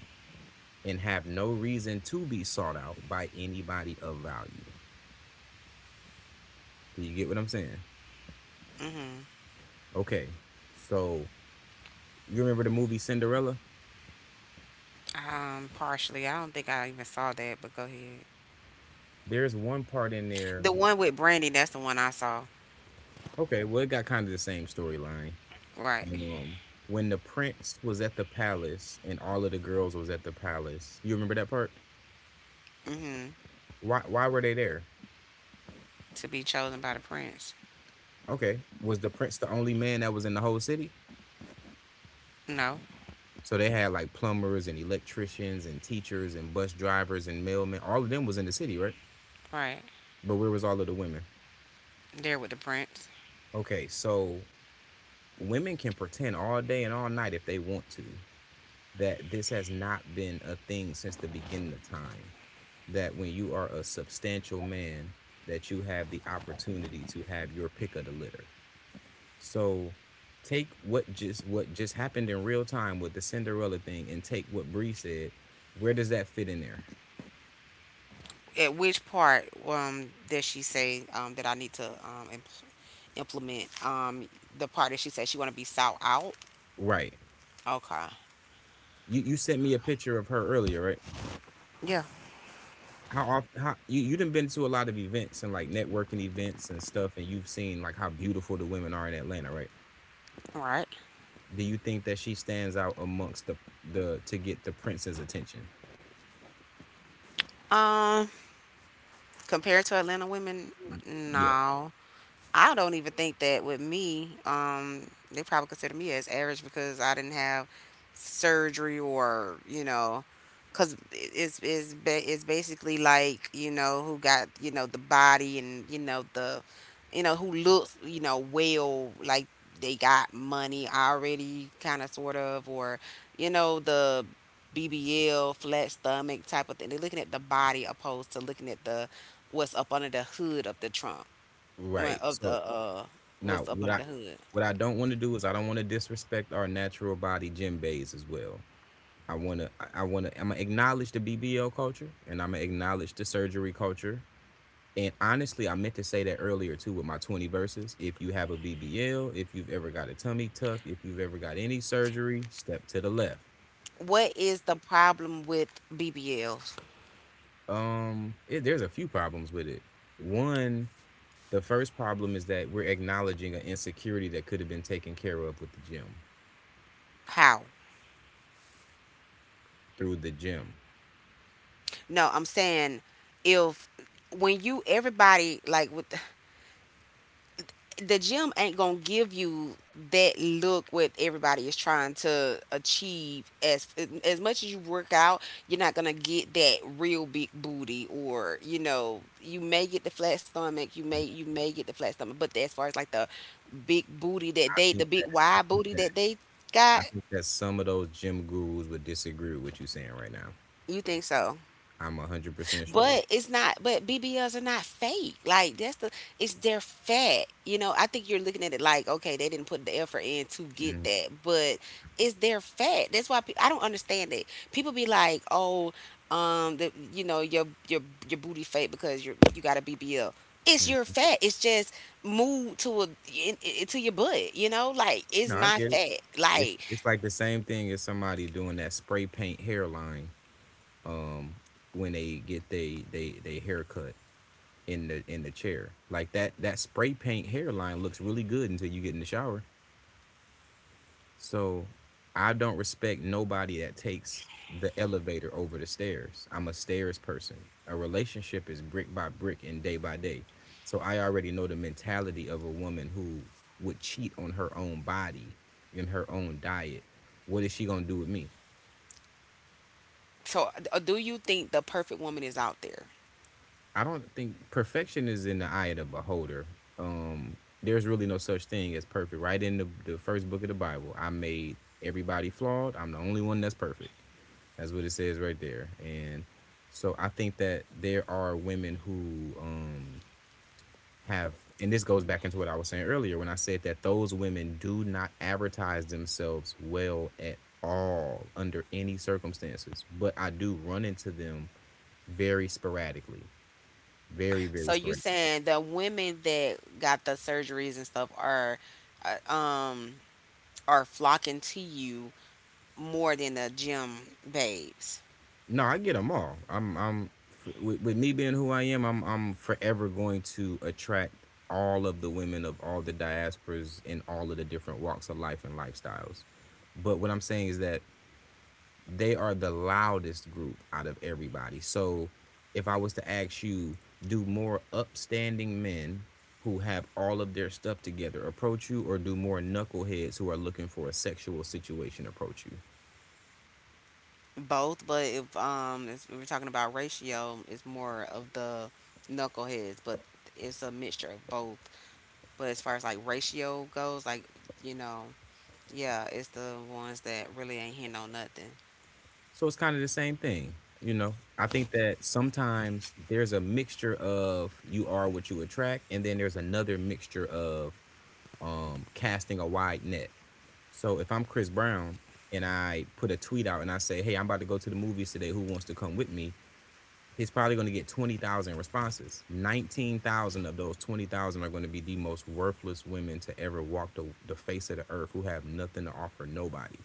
Speaker 2: and have no reason to be sought out by anybody of value. Do you get what I'm saying?
Speaker 1: Hmm.
Speaker 2: Okay, so you remember the movie Cinderella?
Speaker 1: Um, partially. I don't think I even saw that, but go ahead.
Speaker 2: There's one part in there.
Speaker 1: The one with Brandy, that's the one I saw.
Speaker 2: Okay, well, it got kind of the same storyline.
Speaker 1: Right.
Speaker 2: Um, when the prince was at the palace and all of the girls was at the palace. You remember that part?
Speaker 1: Hmm.
Speaker 2: Why? Why were they there?
Speaker 1: To be chosen by the prince.
Speaker 2: Okay, was the prince the only man that was in the whole city?
Speaker 1: No.
Speaker 2: So they had like plumbers and electricians and teachers and bus drivers and mailmen. All of them was in the city, right?
Speaker 1: Right.
Speaker 2: But where was all of the women?
Speaker 1: There with the prince.
Speaker 2: Okay, so women can pretend all day and all night if they want to, that this has not been a thing since the beginning of time. That when you are a substantial man, that you have the opportunity to have your pick of the litter. So take what just happened in real time with the Cinderella thing and take what Bree said. Where does that fit in there?
Speaker 1: At which part does she say that I need to implement the part that she said she want to be sought out?
Speaker 2: Right.
Speaker 1: Okay.
Speaker 2: You sent me a picture of her earlier, right?
Speaker 1: Yeah.
Speaker 2: How often, how you, you done been to a lot of events and like networking events and stuff, and you've seen like how beautiful the women are in Atlanta, right?
Speaker 1: All right.
Speaker 2: Do you think that she stands out amongst the, to get the prince's attention?
Speaker 1: Um, compared to Atlanta women,
Speaker 2: Mm. Mm. Yeah.
Speaker 1: no. I don't even think that with me, they probably consider me as average because I didn't have surgery, or you know, because it's it's basically like, you know who got, you know, the body, and you know the, you know who looks, you know, well, like they got money already, kind of sort of, or you know the BBL flat stomach type of thing. They're looking at the body opposed to looking at the what's up under the hood of the trunk. Woman
Speaker 2: Right.
Speaker 1: of the
Speaker 2: So
Speaker 1: uh,
Speaker 2: now
Speaker 1: what's up in the hood.
Speaker 2: what I don't want to do is I don't want to disrespect our natural body gym bays as well. I want to I'm gonna acknowledge the BBL culture, and I'm gonna acknowledge the surgery culture. And honestly, I meant to say that earlier too with my 20 verses. If you have a BBL, if you've ever got a tummy tuck, if you've ever got any surgery, step to the left.
Speaker 1: What is the problem with BBLs?
Speaker 2: It, there's a few problems with it. One, the first problem is that we're acknowledging an insecurity that could have been taken care of with the gym,
Speaker 1: How?
Speaker 2: through the gym.
Speaker 1: No, I'm saying if, when you, everybody like with the gym ain't gonna give you that look what everybody is trying to achieve. As much as you work out, you're not gonna get that real big booty. Or you know you may get the flat stomach, you may, get the flat stomach, but as far as like the big booty that
Speaker 2: I
Speaker 1: they, the
Speaker 2: think
Speaker 1: big
Speaker 2: that I
Speaker 1: wide
Speaker 2: think
Speaker 1: booty
Speaker 2: that
Speaker 1: that they got.
Speaker 2: I think that some of those gym gurus would disagree with what you're saying right now.
Speaker 1: You think so?
Speaker 2: I'm 100% sure.
Speaker 1: But it's not, but BBLs are not fake. Like, that's the, it's their fat. You know, I think you're looking at it like, okay, they didn't put the effort in to get
Speaker 2: Mhm.
Speaker 1: that, but it's their fat. That's why I don't understand it. People be like, oh, you know, your booty fake because you got a BBL. It's your
Speaker 2: Mm.
Speaker 1: fat. It's just moved to a, to your butt, you know, like it's
Speaker 2: No, I
Speaker 1: my
Speaker 2: get it.
Speaker 1: fat. Like,
Speaker 2: It's like the same thing as somebody doing that spray paint hairline, um, when they get they haircut in the chair. Like that that spray paint hairline looks really good until you get in the shower. So I don't respect nobody that takes the elevator over the stairs. I'm a stairs person. A relationship is brick by brick and day by day. So I already know the mentality of a woman who would cheat on her own body and her own diet. What is she going to do with me?
Speaker 1: so do you think the perfect woman is out there?
Speaker 2: I don't think perfection is in the eye of the beholder. Um, there's really no such thing as perfect. Right in the first book of the Bible, I made everybody flawed. I'm the only one that's perfect. That's what it says right there. And so I think that there are women who, have, and this goes back into what I was saying earlier when I said that those women do not advertise themselves well at all under any circumstances. But I do run into them very sporadically, very, very
Speaker 1: So you
Speaker 2: sporadically.
Speaker 1: saying the women that got the surgeries and stuff uh, um are flocking to you more than the gym babes.
Speaker 2: No, I get them all. I'm with, me being who I am, I'm forever going to attract all of the women of all the diasporas in all of the different walks of life and lifestyles. But what I'm saying is that they are the loudest group out of everybody. So if I was to ask you, do more upstanding men who have all of their stuff together approach you, or do more knuckleheads who are looking for a sexual situation approach you?
Speaker 1: Both, but if we're talking about ratio, it's more of the knuckleheads, but it's a mixture of both. But as far as like ratio goes, like you know, yeah, it's the ones that really ain't hitting on nothing.
Speaker 2: So it's kind of the same thing, you know. I think that sometimes there's a mixture of you are what you attract, and then there's another mixture of, casting a wide net. So if I'm Chris Brown and I put a tweet out and I say, "Hey, I'm about to go to the movies today. Who wants to come with me?" He's probably going to get 20,000 responses. 19,000 of those 20,000 are going to be the most worthless women to ever walk the face of the earth, who have nothing to offer nobody,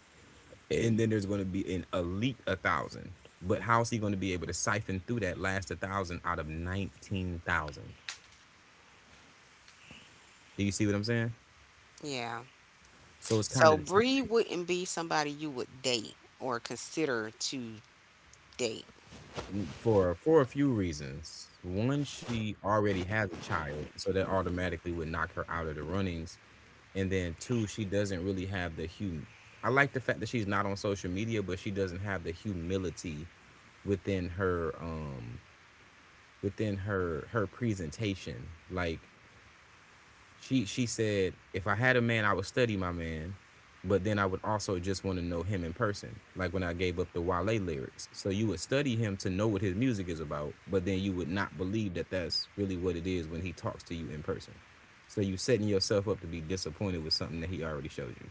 Speaker 2: and then there's going to be an elite a thousand. But how is he going to be able to siphon through that last a thousand out of 19,000? Do you see what I'm saying?
Speaker 1: Yeah.
Speaker 2: So it's kind
Speaker 1: So
Speaker 2: of the same.
Speaker 1: Bree wouldn't be somebody you would date or consider to date.
Speaker 2: For a few reasons. One, she already has a child, so that automatically would knock her out of the runnings. And then two, she doesn't really have the hum. I like the fact that she's not on social media, but she doesn't have the humility within her, um, within her, her presentation. Like, she said, if I had a man, I would study my man, but then I would also just want to know him in person. Like when I gave up the Wale lyrics. So you would study him to know what his music is about, but then you would not believe that that's really what it is when he talks to you in person. So you setting yourself up to be disappointed with something that he already showed you.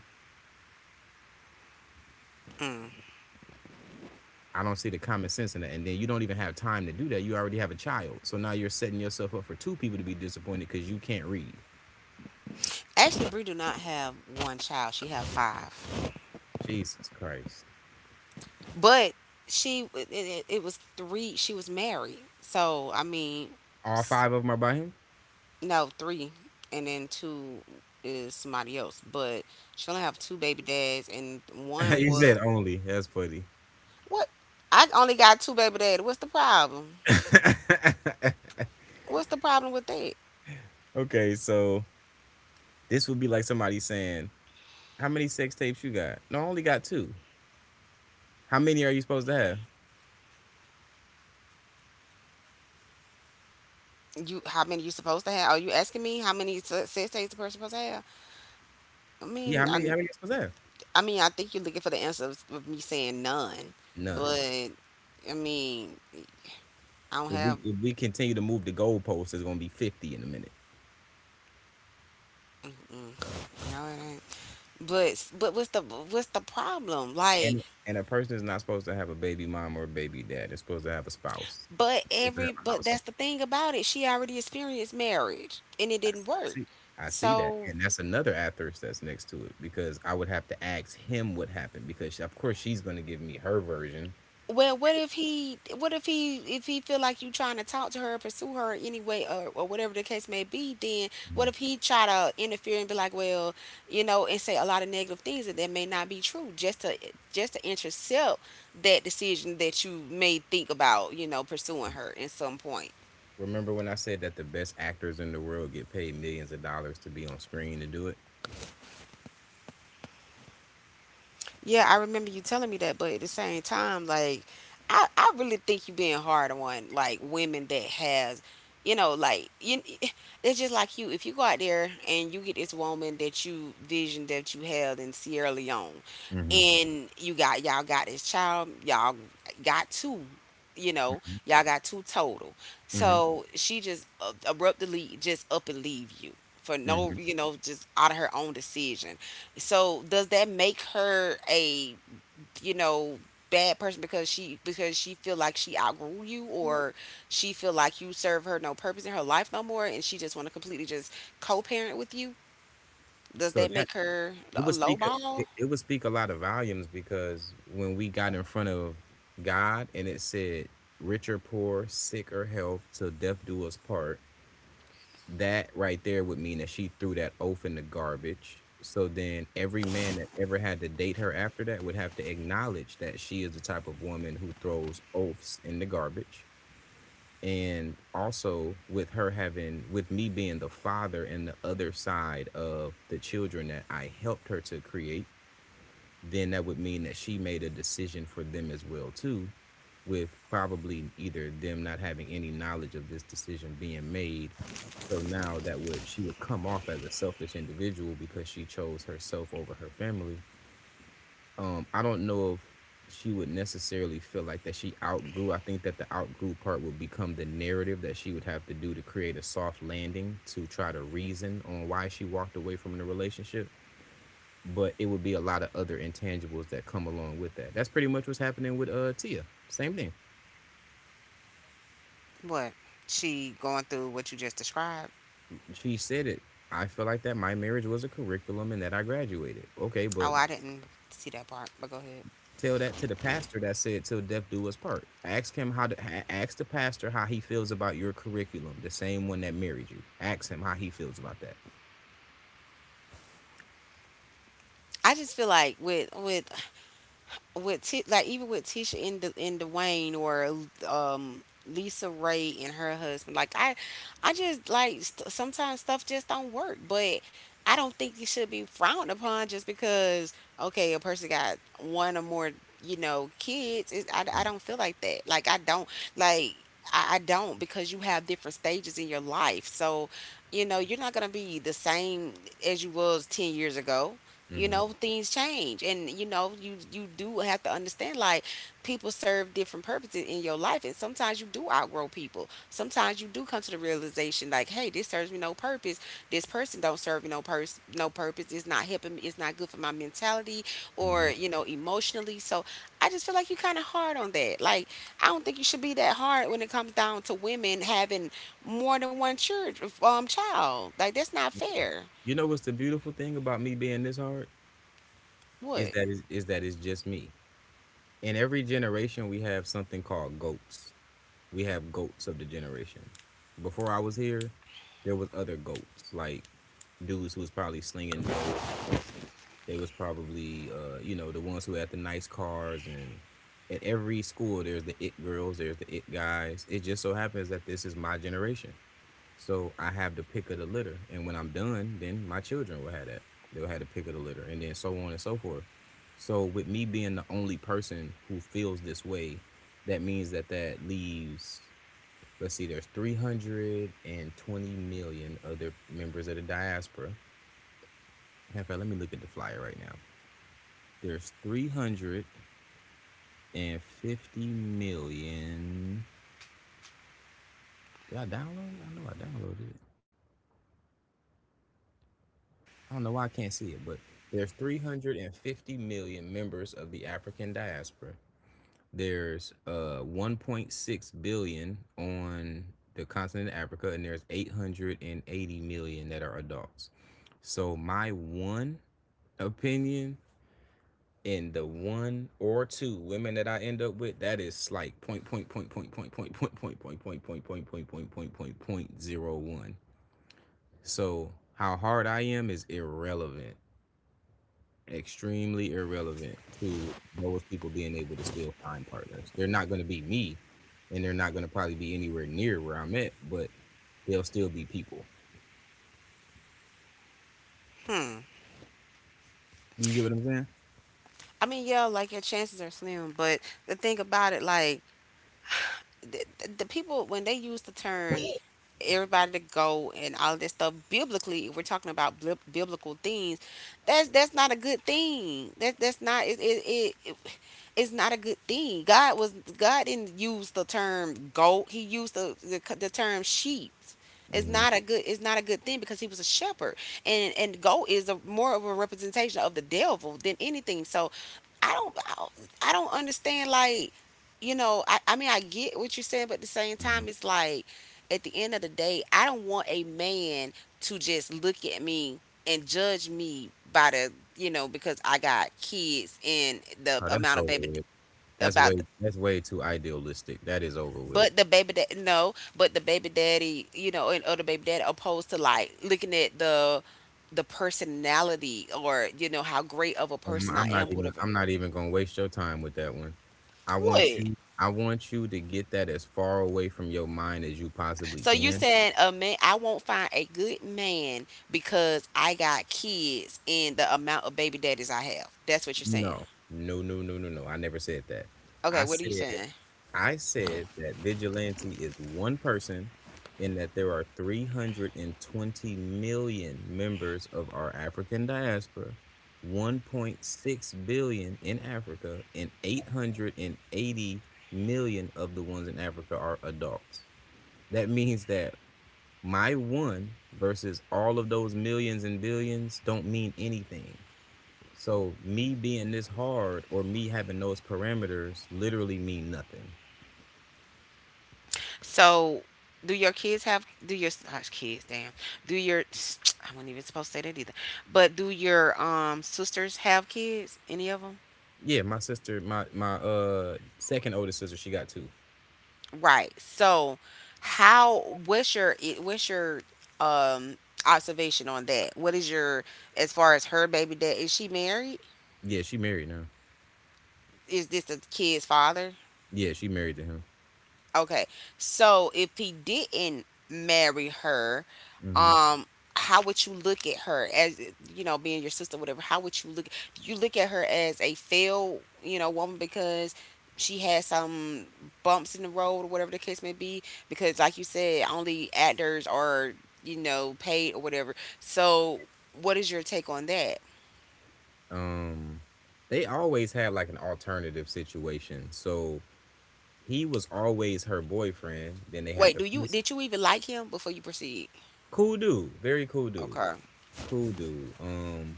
Speaker 2: I don't see the common sense in that. And then you don't even have time to do that. You already have a child. So now you're setting yourself up for two people to be disappointed because you can't read.
Speaker 1: Ashley Bree do not have one child. She have 5.
Speaker 2: Jesus Christ.
Speaker 1: But she, it was 3. She was married. So I mean,
Speaker 2: All
Speaker 1: s-
Speaker 2: five of them are by him?
Speaker 1: no three, and then 2 is somebody else. But she only have 2 baby dads, and
Speaker 2: [LAUGHS]
Speaker 1: one
Speaker 2: You
Speaker 1: was,
Speaker 2: said only. That's funny.
Speaker 1: what? I only got 2 baby dads. What's the problem?
Speaker 2: [LAUGHS]
Speaker 1: What's the problem with that?
Speaker 2: Okay, so this would be like somebody saying, "How many sex tapes you got?" No, I only got two. How many are you supposed to have?
Speaker 1: You, how many you supposed to have? Are you asking me how many sex days a person supposed to have? I
Speaker 2: Yeah, how
Speaker 1: mean,
Speaker 2: many? How
Speaker 1: I,
Speaker 2: many are you supposed to have?
Speaker 1: I mean, I think you're looking for the answer of, me saying none, but
Speaker 2: None.
Speaker 1: I mean, I don't
Speaker 2: If we
Speaker 1: have.
Speaker 2: if we continue to move the goalposts, it's gonna be 50 in a minute.
Speaker 1: Mm, no, it ain't. But what's the problem? Like,
Speaker 2: And a person is not supposed to have a baby mom or a baby dad. They're supposed to have a spouse.
Speaker 1: but
Speaker 2: They're supposed to have
Speaker 1: every,
Speaker 2: a
Speaker 1: but
Speaker 2: household.
Speaker 1: that's the thing about it. She already experienced marriage and it didn't
Speaker 2: I
Speaker 1: work.
Speaker 2: see, I see that,
Speaker 1: So,
Speaker 2: and that's another asterisk that's next to it because I would have to ask him what happened, because of course she's gonna give me her version.
Speaker 1: well, what if he? What if he, if he feel like you trying to talk to her, pursue her anyway, or whatever the case may be, then
Speaker 2: Mhm.
Speaker 1: what if he try to interfere and be like, well, you know, and say a lot of negative things that that may not be true, just to intercept that decision that you may think about, you know, pursuing her at some point.
Speaker 2: Remember when I said that the best actors in the world get paid millions of dollars to be on screen to do it?
Speaker 1: Yeah, I remember you telling me that, but at the same time, like, I really think you being hard on like women that has, you know, like you, it's just like you. If you go out there and you get this woman that you vision that you held in Sierra Leone,
Speaker 2: Mhm,
Speaker 1: and you got y'all got this child, y'all got 2, you know,
Speaker 2: mhm,
Speaker 1: y'all got 2 total.
Speaker 2: mhm,
Speaker 1: So she just abruptly just up and leave you for no,
Speaker 2: mhm.
Speaker 1: you know, just out of her own decision. So does that make her a you know bad person, because she, because she feel like she outgrew you, or she feel like you serve her no purpose in her life no more and she just want to completely just co-parent with you? Does
Speaker 2: So
Speaker 1: that
Speaker 2: that
Speaker 1: make her
Speaker 2: it
Speaker 1: a
Speaker 2: would speak a
Speaker 1: lowball?
Speaker 2: it it would speak a lot of volumes because when we got in front of God and it said, "Rich or poor, sick or health, till death do us part." That right there would mean that she threw that oath in the garbage. So then every man that ever had to date her after that would have to acknowledge that she is the type of woman who throws oaths in the garbage. And also with her having with me being the father and the other side of the children that I helped her to create, then that would mean that she made a decision for them as well too, with probably either them not having any knowledge of this decision being made. So now that would she would come off as a selfish individual because she chose herself over her family. I don't know if she would necessarily feel like that she outgrew. I think that the outgrew part would become the narrative that she would have to do to create a soft landing to try to reason on why she walked away from the relationship. But it would be a lot of other intangibles that come along with that. That's pretty much what's happening with Tia. Same thing.
Speaker 1: What? She going through what you just described?
Speaker 2: She said it. I feel like that my marriage was a curriculum and that I graduated. Okay, but
Speaker 1: Oh, I didn't see that part, but go ahead.
Speaker 2: tell that to the pastor that said till death do us part. Ask him ask the pastor how he feels about your curriculum, the same one that married you. Ask him how he feels about that.
Speaker 1: I just feel like with like even with Tisha and the and Dwayne or Lisa Ray and her husband. Like I just like st- Sometimes stuff just don't work. But. I don't think it should be frowned upon just because okay a person got one or more you know kids. It's, I don't feel like that. Like I don't, because you have different stages in your life. So you know you're not gonna be the same as you was 10 years ago. You
Speaker 2: Hmm.
Speaker 1: know, things change, and you know you do have to understand, like, people serve different purposes in your life, and sometimes you do outgrow people. Sometimes you do come to the realization like hey, this serves me no purpose, this person don't serve me no purpose, no purpose. It's not helping me, it's not good for my mentality or
Speaker 2: Hmm.
Speaker 1: you know emotionally. So I just feel like you kind of hard on that. Like I don't think you should be that hard when it comes down to women having more than one church child. Like that's not fair.
Speaker 2: You know what's the beautiful thing about me being this hard is
Speaker 1: What?
Speaker 2: that is, is that it's just me. In every generation, we have something called goats. We have goats of the generation. Before I was here, there was other goats, like dudes who was probably slinging dope. They was probably, the ones who had the nice cars. And at every school there's the it girls, there's the it guys. It just so happens that this is my generation. So I have the pick of the litter. And when I'm done, then my children will have that. They'll have the pick of the litter, and then so on and so forth. So with me being the only person who feels this way, that means that that leaves, let's see, there's 320 million other members of the diaspora. In fact, let me look at the flyer right now. There's 350 million. Did I download it? I know I downloaded it. I don't know why I can't see it, but there's 350 million members of the African diaspora. There's 1.6 billion on the continent of Africa, and there's 880 million that are adults. So my one opinion, in the one or two women that I end up with, that is like point point point point point point point point point point point point point point point point point zero one. So how hard I am is irrelevant, extremely irrelevant to those people being able to still find partners. They're not going to be me, and they're not going to probably be anywhere near where I'm at, but they'll still be people.
Speaker 1: Hmm.
Speaker 2: You get what I'm saying?
Speaker 1: I mean, yeah, like your chances are slim, but the thing about it, like the, the people when they use the term everybody to go and all this stuff biblically, if we're talking about biblical things. That's not a good thing. That's not it. It is not a good thing. God didn't use the term goat. He used the term sheep. It's
Speaker 2: Mm-hmm.
Speaker 1: not a good thing because he was a shepherd. And goat is a more of a representation of the devil than anything. So I don't I don't I don't understand, like, you know, I mean, I get what you're saying, but at the same time it's like at the end of the day, I don't want a man to just look at me and judge me by the you know because I got kids and the
Speaker 2: Oh, that's
Speaker 1: amount of
Speaker 2: over
Speaker 1: baby
Speaker 2: with. That's
Speaker 1: about
Speaker 2: way that's way too idealistic. That is over with.
Speaker 1: but the baby that no but the baby daddy, you know, and other baby daddy, opposed to like looking at the personality or you know how great of a person I am, whatever.
Speaker 2: I'm not even gonna waste your time with that one.
Speaker 1: What?
Speaker 2: I want you to get that as far away from your mind as you possibly
Speaker 1: So you
Speaker 2: can.
Speaker 1: saying a man I won't find a good man because I got kids and the amount of baby daddies I have? That's what you're saying?
Speaker 2: No. No, no, no, no, no. I never said that.
Speaker 1: Okay,
Speaker 2: I
Speaker 1: what are
Speaker 2: said
Speaker 1: you saying?
Speaker 2: I said that vigilante is one person, and that there are 320 million members of our African diaspora, 1.6 billion in Africa, and 880 million of the ones in Africa are adults. That means that my one versus all of those millions and billions don't mean anything. So me being this hard or me having those parameters literally mean nothing.
Speaker 1: So, do your kids have, do your gosh, kids? Damn, do your [TSK] I wasn't even supposed to say that either. But do your sisters have kids? Any of them?
Speaker 2: Yeah, my sister, my second oldest sister, she got two.
Speaker 1: Right. So, how? What's your um observation on that? What is your, as far as her baby dad? Is she married?
Speaker 2: Yeah, she married now.
Speaker 1: Is this the kid's father?
Speaker 2: Yeah, she married to him.
Speaker 1: Okay. So if he didn't marry her,
Speaker 2: Hmm.
Speaker 1: um, how would you look at her as, you know, being your sister, whatever? How would you look? Do you look at her as a failed, you know, woman because she had some bumps in the road or whatever the case may be? Because like you said, only actors are, you know, paid or whatever. So what is your take on that?
Speaker 2: Um, they always had like an alternative situation. So he was always her boyfriend. Then they had
Speaker 1: Wait,
Speaker 2: the
Speaker 1: do you
Speaker 2: first
Speaker 1: did you even like him before you proceed?
Speaker 2: Cool dude, very cool dude,
Speaker 1: Okay,
Speaker 2: cool dude. Um,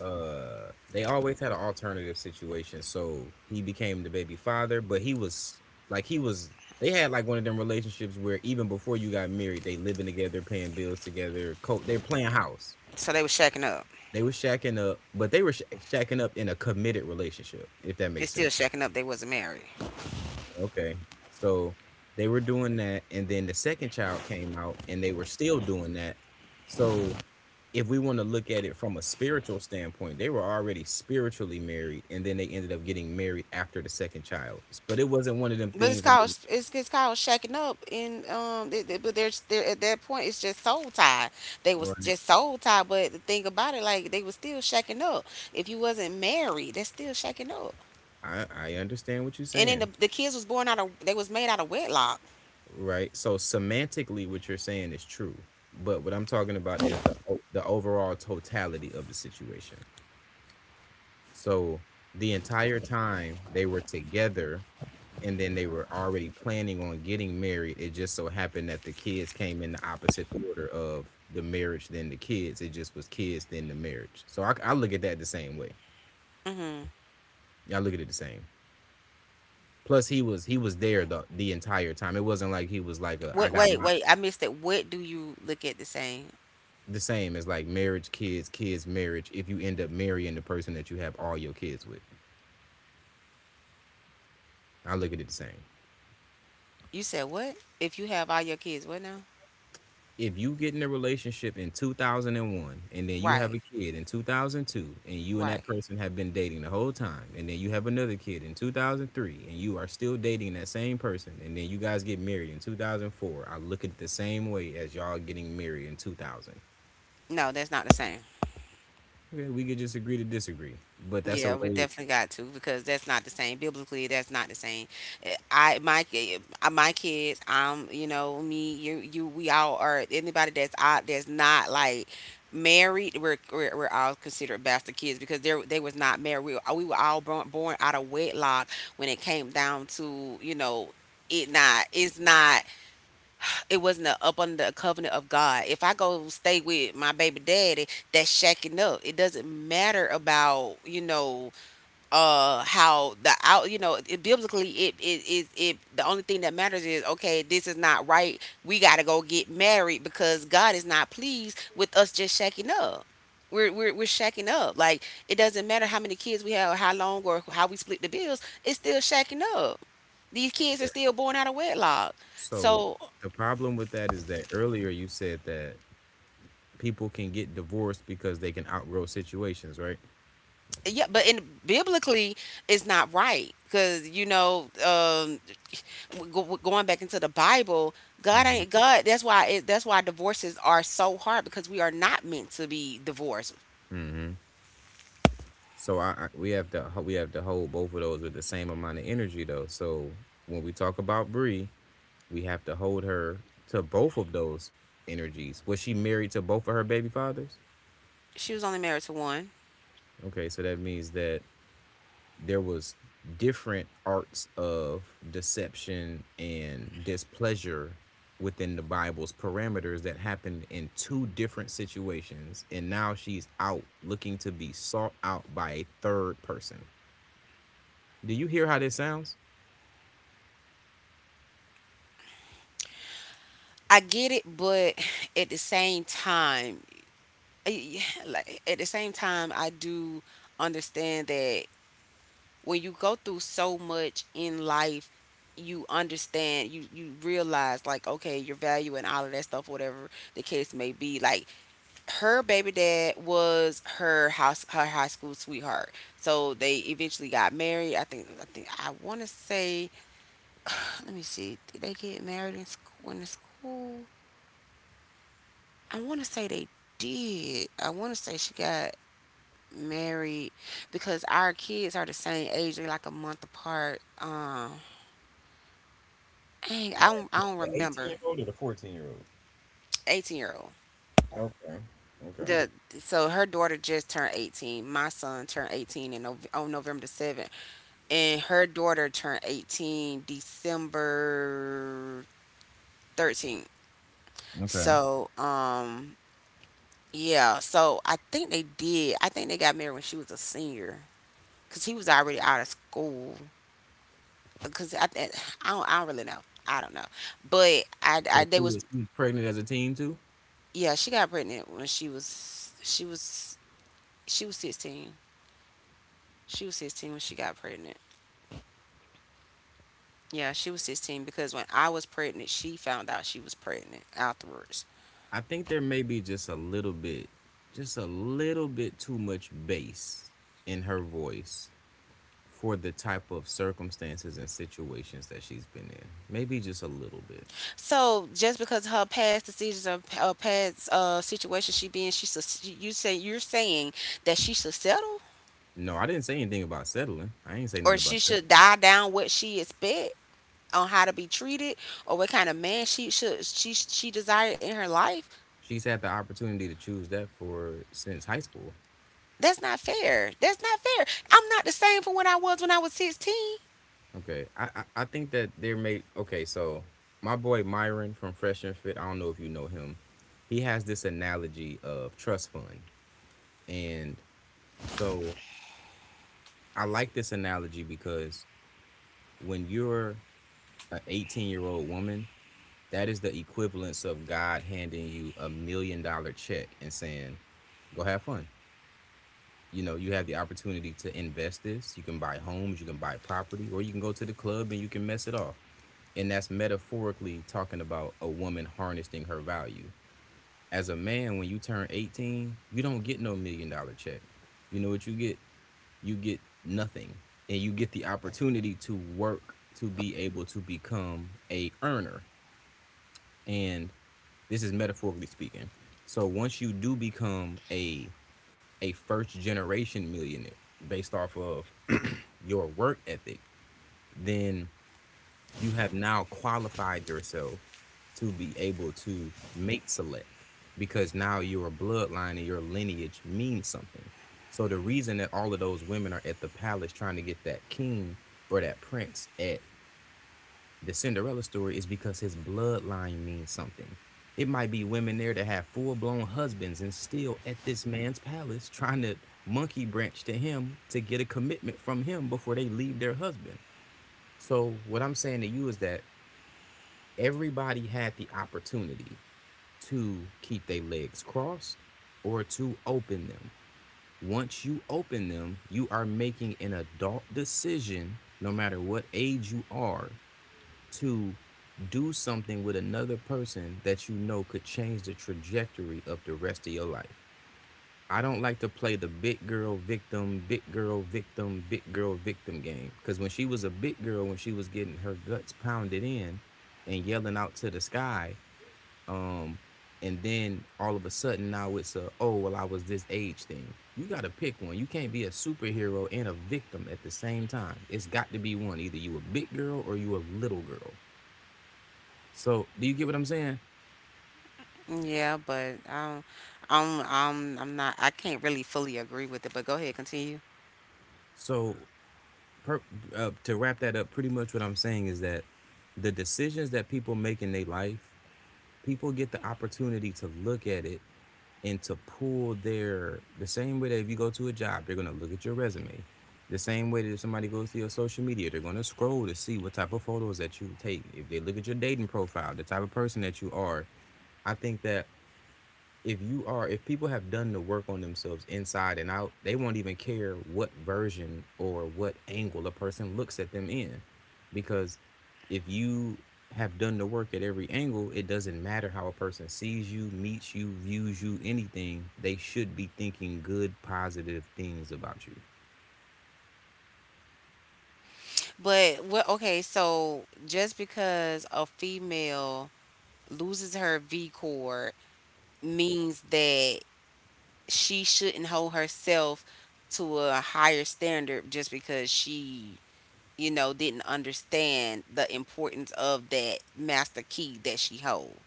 Speaker 2: uh They always had an alternative situation, so he became the baby father, but he was like he was they had like one of them relationships where, even before you got married, they living together, paying bills together, they're playing house.
Speaker 1: so they were shacking up.
Speaker 2: They were shacking up, but they were shacking up in a committed relationship, if that
Speaker 1: It's
Speaker 2: makes
Speaker 1: still
Speaker 2: sense.
Speaker 1: shacking up. They wasn't married.
Speaker 2: Okay, so they were doing that, and then the second child came out and they were still doing that. So if we want to look at it from a spiritual standpoint, they were already spiritually married, and then they ended up getting married after the second child. But it wasn't one of them
Speaker 1: But it's
Speaker 2: things.
Speaker 1: called, it's called shacking up, and but there's there at that point it's just soul tie. They was
Speaker 2: Right.
Speaker 1: just soul tie, but the thing about it, like they was still shacking up. If you wasn't married, that's still shacking up.
Speaker 2: I understand what you're
Speaker 1: And then the,
Speaker 2: saying,
Speaker 1: the kids was born out of they was made out of wedlock.
Speaker 2: right? So semantically, what you're saying is true, but what I'm talking about is the overall totality of the situation. So the entire time they were together, and then they were already planning on getting married. It just so happened that the kids came in the opposite order of the marriage than the kids. It just was kids then the marriage. So I look at that the same way.
Speaker 1: hmm
Speaker 2: Yeah, I look at it the same. Plus he was there the entire time. It wasn't like he was like a, I
Speaker 1: Wait,
Speaker 2: got
Speaker 1: wait,
Speaker 2: my.
Speaker 1: wait! I missed it. What do you look at the same?
Speaker 2: The same as like marriage, kids, kids, marriage. If you end up marrying the person that you have all your kids with, I look at it the same.
Speaker 1: You said what? If you have all your kids, what now?
Speaker 2: If you get in a relationship in 2001 and one, and then you have
Speaker 1: Right,
Speaker 2: a kid in 2002, and you and that
Speaker 1: right.
Speaker 2: person have been dating the whole time, and then you have another kid in 2003, and you are still dating that same person, and then you guys get married in 2004, I look at it the same way as y'all getting married in 2000.
Speaker 1: No, that's not the same.
Speaker 2: Okay, we could just agree to disagree, but that's a
Speaker 1: Yeah, we
Speaker 2: way.
Speaker 1: definitely got to because that's not the same. Biblically, that's not the same. Eh, my kids, you know, we all are. Anybody that's out that's not like married, we're all considered bastard kids because they was not married. We were all born out of wedlock when it came down to, you know. It's not, it wasn't a, up under the covenant of God. If I go stay with my baby daddy, that's shacking up. It doesn't matter about you know how the out you know it, biblically it the only thing that matters is okay this is not right, we got to go get married because God is not pleased with us just shacking up. We're shacking up. Like, it doesn't matter how many kids we have or how long or how we split the bills, it's still shacking up. These kids are
Speaker 2: Okay.
Speaker 1: still born out of wedlock.
Speaker 2: So
Speaker 1: So
Speaker 2: the problem with that is that earlier you said that people can get divorced because they can outgrow situations, right?
Speaker 1: yeah, but in biblically it's not right because you know going back into the Bible, God ain't God, that's why that's why divorces are so hard because we are not meant to be divorced.
Speaker 2: Hmm. So I we have to hold both of those with the same amount of energy, though. So when we talk about Bree, we have to hold her to both of those energies. Was she married to both of her baby fathers?
Speaker 1: She was only married to one.
Speaker 2: Okay, so that means that there was different arts of deception and displeasure within the Bible's parameters that happened in two different situations, and now she's out looking to be sought out by a third person. Do you hear how this sounds?
Speaker 1: I get it, but at the same time, eh, like at the same time, I do understand that when you go through so much in life, you understand, you realize like okay, your value and all of that stuff, whatever the case may be. Like her baby dad was her house her high school sweetheart. So they eventually got married. I think I want to say [SIGHS] let me see. Did they get married in the school? I want to say they did. I want to say she got married because our kids are the same age. They're like a month apart. Dang, I don't
Speaker 2: The 18 year
Speaker 1: remember.
Speaker 2: old or the 14-year-old?
Speaker 1: 18-year-old.
Speaker 2: Okay. Okay.
Speaker 1: The So her daughter just turned 18. My son turned 18 in November the 7th, and her daughter turned 18 December 13th.
Speaker 2: Okay.
Speaker 1: So, yeah, so I think they did. I think they got married when she was a senior because he was already out of school. Because I don't really know. I don't know. But
Speaker 2: So
Speaker 1: they
Speaker 2: she
Speaker 1: was,
Speaker 2: was she was pregnant as a teen too.
Speaker 1: yeah, she got pregnant when she was 16. She was 16 when she got pregnant. Yeah, she was 16 because when I was pregnant, she found out she was pregnant afterwards.
Speaker 2: I think there may be just a little bit, just a little bit too much bass in her voice for the type of circumstances and situations that she's been in. Maybe just a little bit.
Speaker 1: So just because her past decisions or past situation she be in, she should, you say you're saying that she should settle,
Speaker 2: No, I didn't say anything about settling. I ain't say
Speaker 1: or
Speaker 2: nothing about
Speaker 1: she
Speaker 2: that.
Speaker 1: should die down what she expect on how to be treated or what kind of man she should, she desired in her life.
Speaker 2: She's had the opportunity to choose that for since high school.
Speaker 1: That's not fair. That's not fair. I'm not the same from what I was when I was 16.
Speaker 2: Okay. I think that there may Okay, so my boy Myron from Fresh and Fit, I don't know if you know him. He has this analogy of trust fund. And so I like this analogy, because when you're an 18-year-old woman, that is the equivalence of God handing you $1 million check and saying, go have fun. You know, you have the opportunity to invest this. You can buy homes, you can buy property, or you can go to the club and you can mess it off. And that's metaphorically talking about a woman harnessing her value. As a man, when you turn 18, you don't get no million dollar check. You know what you get? You get nothing, and you get the opportunity to work to be able to become a earner. And this is metaphorically speaking. So once you do become a first generation millionaire based off of your work ethic, then you have now qualified yourself to be able to mate select, because now your bloodline and your lineage means something. So the reason that all of those women are at the palace trying to get that king, or that prince at the Cinderella story, is because his bloodline means something. It might be women there that have full blown husbands and still at this man's palace trying to monkey branch to him to get a commitment from him before they leave their husband. So what I'm saying to you is that everybody had the opportunity to keep their legs crossed or to open them. Once you open them, you are making an adult decision, no matter what age you are, to do something with another person that you know could change the trajectory of the rest of your life. I don't like to play the big girl victim, big girl victim, big girl victim game. Because when she was a big girl, when she was getting her guts pounded in and yelling out to the sky, um, and then all of a sudden now it's a, oh well I was this age thing. You gotta pick one. You can't be a superhero and a victim at the same time. It's got to be one. Either you a big girl or you a little girl. So do you get what I'm saying?
Speaker 1: Yeah, but I'm not. I can't really fully agree with it. But go ahead, continue.
Speaker 2: So per, to wrap that up, pretty much what I'm saying is that the decisions that people make in their life, people get the opportunity to look at it and to pull their, the same way that if you go to a job, they're gonna look at your resume. The same way that if somebody goes to your social media, they're gonna scroll to see what type of photos that you take. If they look at your dating profile, the type of person that you are, I think that if you are, if people have done the work on themselves inside and out, they won't even care what version or what angle a person looks at them in, because if you have done the work at every angle, it doesn't matter how a person sees you, meets you, views you, anything, they should be thinking good positive things about you.
Speaker 1: But what? Okay, so just because a female loses her V chord means that she shouldn't hold herself to a higher standard just because she, you know, didn't understand the importance of that master key that she hold.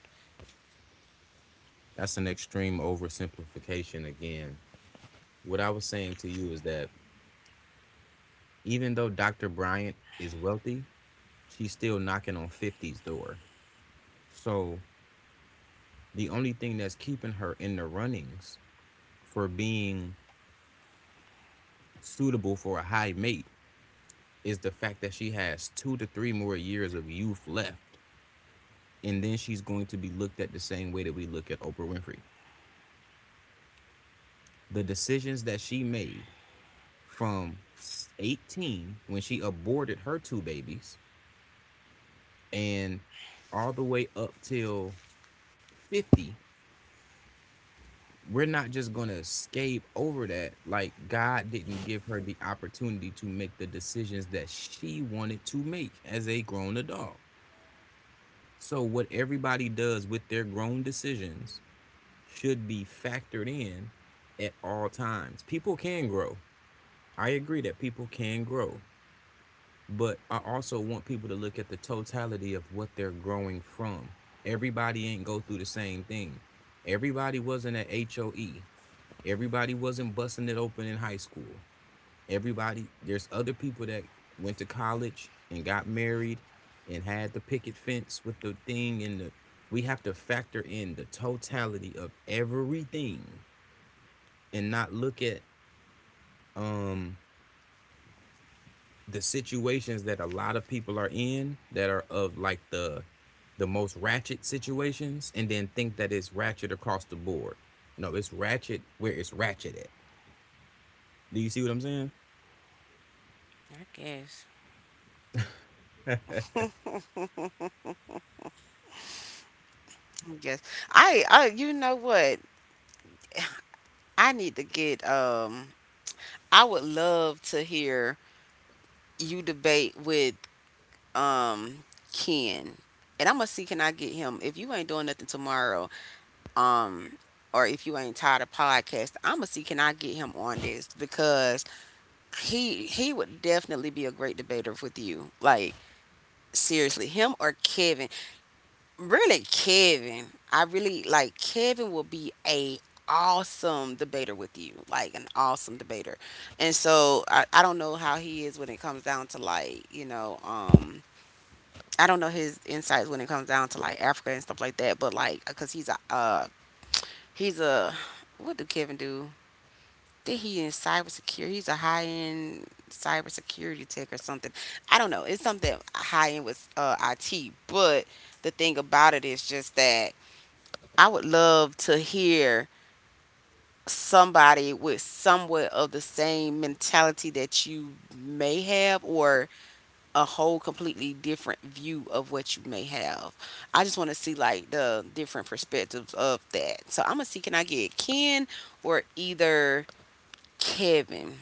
Speaker 2: That's an extreme oversimplification. Again, what I was saying to you is that even though Dr. Bryant is wealthy, she's still knocking on 50's door. So the only thing that's keeping her in the runnings for being suitable for a high mate is the fact that she has two to three more years of youth left. And then she's going to be looked at the same way that we look at Oprah Winfrey. The decisions that she made from 18, when she aborted her two babies, and all the way up till 50, we're not just going to escape over that. Like, God didn't give her the opportunity to make the decisions that she wanted to make as a grown adult. So what everybody does with their grown decisions should be factored in at all times. People can grow. I agree that people can grow, but I also want people to look at the totality of what they're growing from. Everybody ain't go through the same thing. Everybody wasn't at HOE. Everybody wasn't busting it open in high school. Everybody, there's other people that went to college and got married and had the picket fence with the thing and the, we have to factor in the totality of everything and not look at um the situations that a lot of people are in that are of like the most ratchet situations and then think that it's ratchet across the board. No, it's ratchet where it's ratchet at. Do you see what I'm saying?
Speaker 1: I guess. Yes. I You know what? I need to get I would love to hear you debate with um Ken. And I'm gonna see can I get him. If you ain't doing nothing tomorrow, um, or if you ain't tired of podcast, i'ma see can I get him on this because he would definitely be a great debater with you, like seriously him or Kevin. Really Kevin, I really like Kevin will be a awesome debater with you, like an awesome debater. And so I don't know how he is when it comes down to like you know I don't know his insights when it comes down to like Africa and stuff like that, but like because he's a, what do Kevin do, think he in cybersecurity. He's a high end cybersecurity tech or something. I don't know. It's something high end with IT. But the thing about it is just that I would love to hear somebody with somewhat of the same mentality that you may have or a whole completely different view of what you may have. I just want to see like the different perspectives of that. So I'm gonna see can I get Ken or either Kevin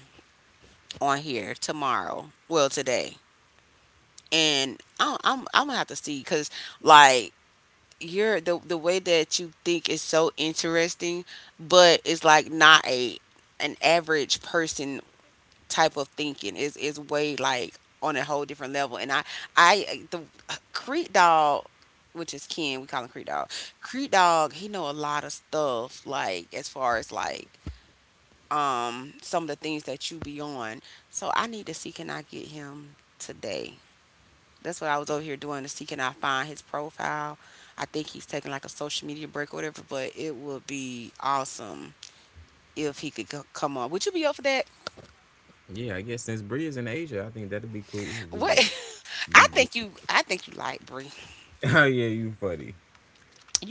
Speaker 1: on here tomorrow. Well, today, and I'm gonna have to see because like you're the way that you think is so interesting, but it's like not a an average person type of thinking. Is way like on a whole different level. And I the Creed Dog. Which is Ken, we call him Creed Dog. Creed Dog, he know a lot of stuff, like as far as like some of the things that you be on. So I need to see can I get him today. That's what I was over here doing to see can I find his profile. I think he's taking like a social media break or whatever, but it would be awesome if he could come on. Would you be up for that?
Speaker 2: Yeah, I guess since Bree is in Asia, I think that'd be cool. If we
Speaker 1: What?
Speaker 2: could,
Speaker 1: [LAUGHS]
Speaker 2: we could.
Speaker 1: I think you like Bree.
Speaker 2: [LAUGHS] Oh yeah, you funny.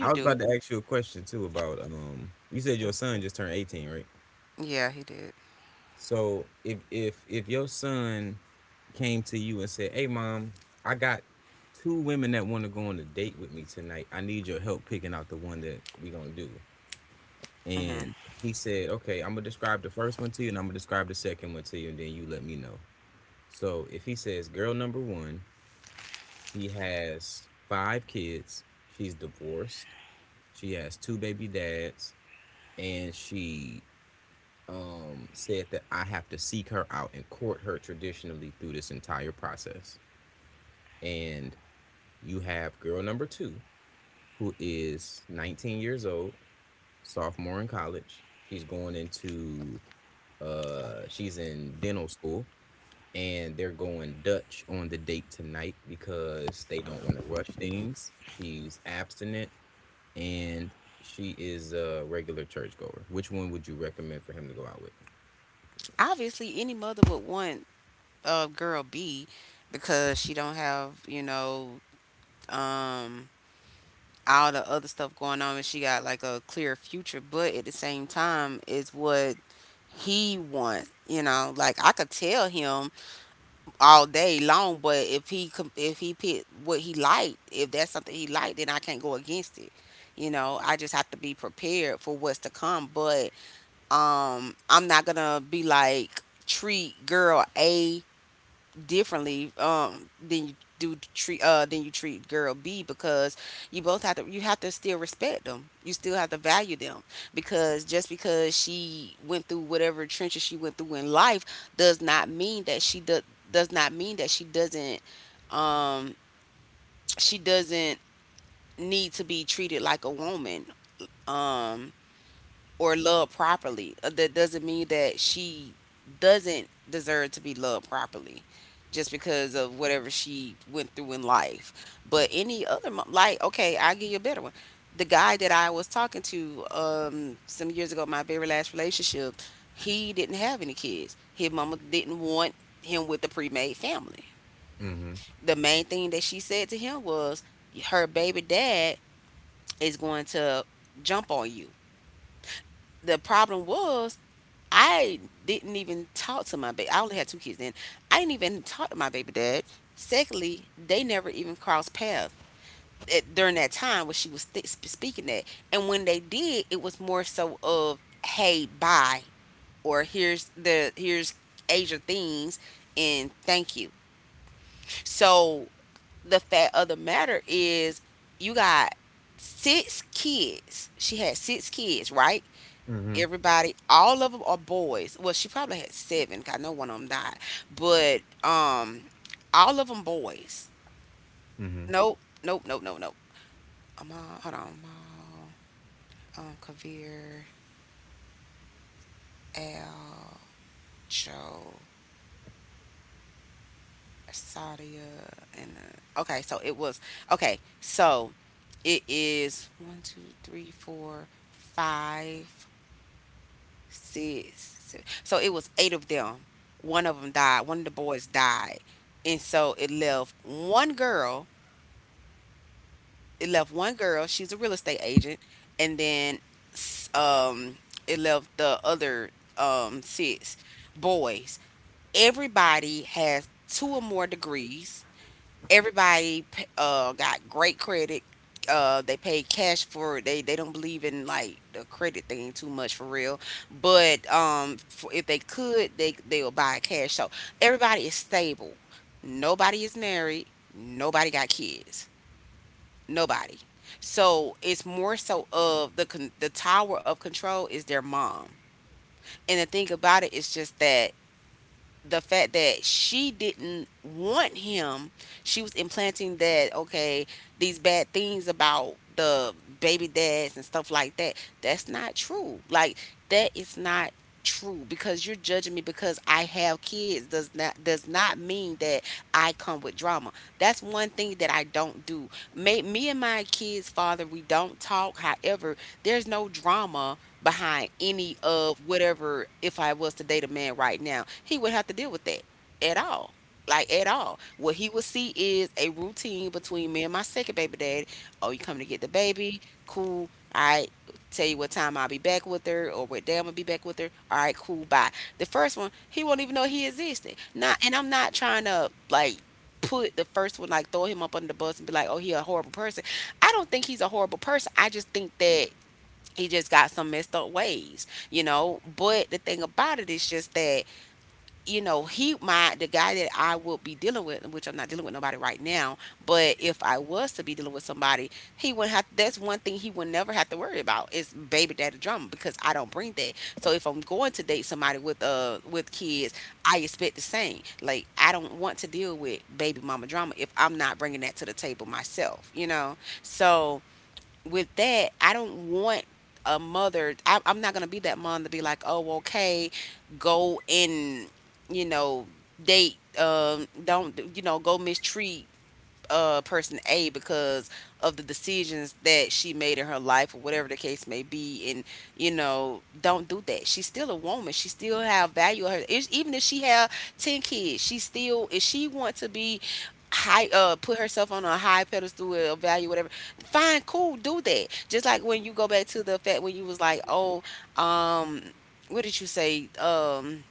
Speaker 2: I was
Speaker 1: do.
Speaker 2: about to ask you a question too about. You said your son just turned 18, right?
Speaker 1: Yeah, he did.
Speaker 2: So if your son came to you and said, "Hey, mom, I got two women that want to go on a date with me tonight. I need your help picking out the one that we gonna do,"
Speaker 1: Hmm.
Speaker 2: and he said, "Okay, I'm gonna describe the first one to you, and I'm gonna describe the second one to you, and then you let me know." So if he says girl number one, she has five kids. She's divorced. She has two baby dads, and she, said that I have to seek her out and court her traditionally through this entire process. And you have girl number two, who is 19 years old, sophomore in college. She's going into, she's in dental school, and they're going Dutch on the date tonight because they don't want to rush things. She's abstinent and she is a regular churchgoer. Which one would you recommend for him to go out with?
Speaker 1: Obviously, any mother would want girl B because she don't have, you know, um all the other stuff going on, and she got like a clear future, but at the same time it's what he wants, you know. Like I could tell him all day long, but if he if he picked what he liked, if that's something he liked, then I can't go against it. You know, I just have to be prepared for what's to come. But I'm not gonna be like, treat girl A differently, than you treat girl B, because you have to still respect them. You still have to value them, because just because she went through whatever trenches she went through in life does not mean that she doesn't, um she doesn't need to be treated like a woman. Um or loved properly. That doesn't mean that she doesn't deserve to be loved properly just because of whatever she went through in life. But any other, like, okay, I'll give you a better one. The guy that I was talking to some years ago, my very last relationship, he didn't have any kids. His mama didn't want him with a pre-made family.
Speaker 2: Mm-hmm.
Speaker 1: The main thing that she said to him was, her baby dad is going to jump on you. The problem was, I didn't even talk to my baby. I only had two kids then. I didn't even talk to my baby dad. Secondly, they never even crossed paths during that time when she was speaking that. And when they did, it was more so of, hey, bye, or here's Asia things, and thank you. So the fact of the matter is, you got six kids. She had six kids, right? Everybody, all of them are boys. Well, she probably had seven, 'cause I know one of them died, but um, all of them boys. Nope, nope, nope, nope, nope. Amal, hold on, Amal, Kavir, Al, Joe, Sadia, and uh, okay. So it was okay. So it is one, two, three, four, five, six. So it was eight of them. One of them died. One of the boys died, and so it left one girl. It left one girl. She's a real estate agent, and then s- um, it left the other six boys. Everybody has two or more degrees. Everybody got great credit. They paid cash for it. They don't believe in like the credit thing too much for real. But for, if they could, they will buy it cash. So everybody is stable. Nobody is married. Nobody got kids. Nobody. So it's more so of the tower of control is their mom. And the thing about it is just that the fact that she didn't want him, she was implanting that, okay, these bad things about the baby dads and stuff like that. That's not true. Like that is not true, because you're judging me because I have kids does not mean that I come with drama. That's one thing that I don't do. Me and my kids' father, we don't talk. However, there's no drama behind any of whatever, if I was to date a man right now, he would have to deal with that at all. Like at all. What he would see is a routine between me and my second baby daddy. Oh, you coming to get the baby? Cool. All right. Tell you what time I'll be back with her or what day I'm gonna be back with her. All right, cool, bye. The first one, he won't even know he existed. Not and I'm not trying to like put the first one, like, throw him up under the bus and be like, oh, he a horrible person. I don't think he's a horrible person. I just think that he just got some messed up ways, you know. But the thing about it is just that, you know, he my the guy that I would be dealing with, which I'm not dealing with nobody right now, but if I was to be dealing with somebody, he would have, that's one thing he would never have to worry about, is baby daddy drama, because I don't bring that. So if I'm going to date somebody with kids, I expect the same. Like I don't want to deal with baby mama drama if I'm not bringing that to the table myself, you know. So with that, I don't want a mother. I'm not gonna be that mom to be like, oh, okay, go and, you know, date. Don't, you know, go mistreat person A because of the decisions that she made in her life or whatever the case may be. And, you know, don't do that. She's still a woman. She still have value. Her even if she have 10 kids, she still, if she want to be high, put herself on a high pedestal or value whatever, fine, cool, do that. Just like when you go back to the fact when you was like, oh, um what did you say,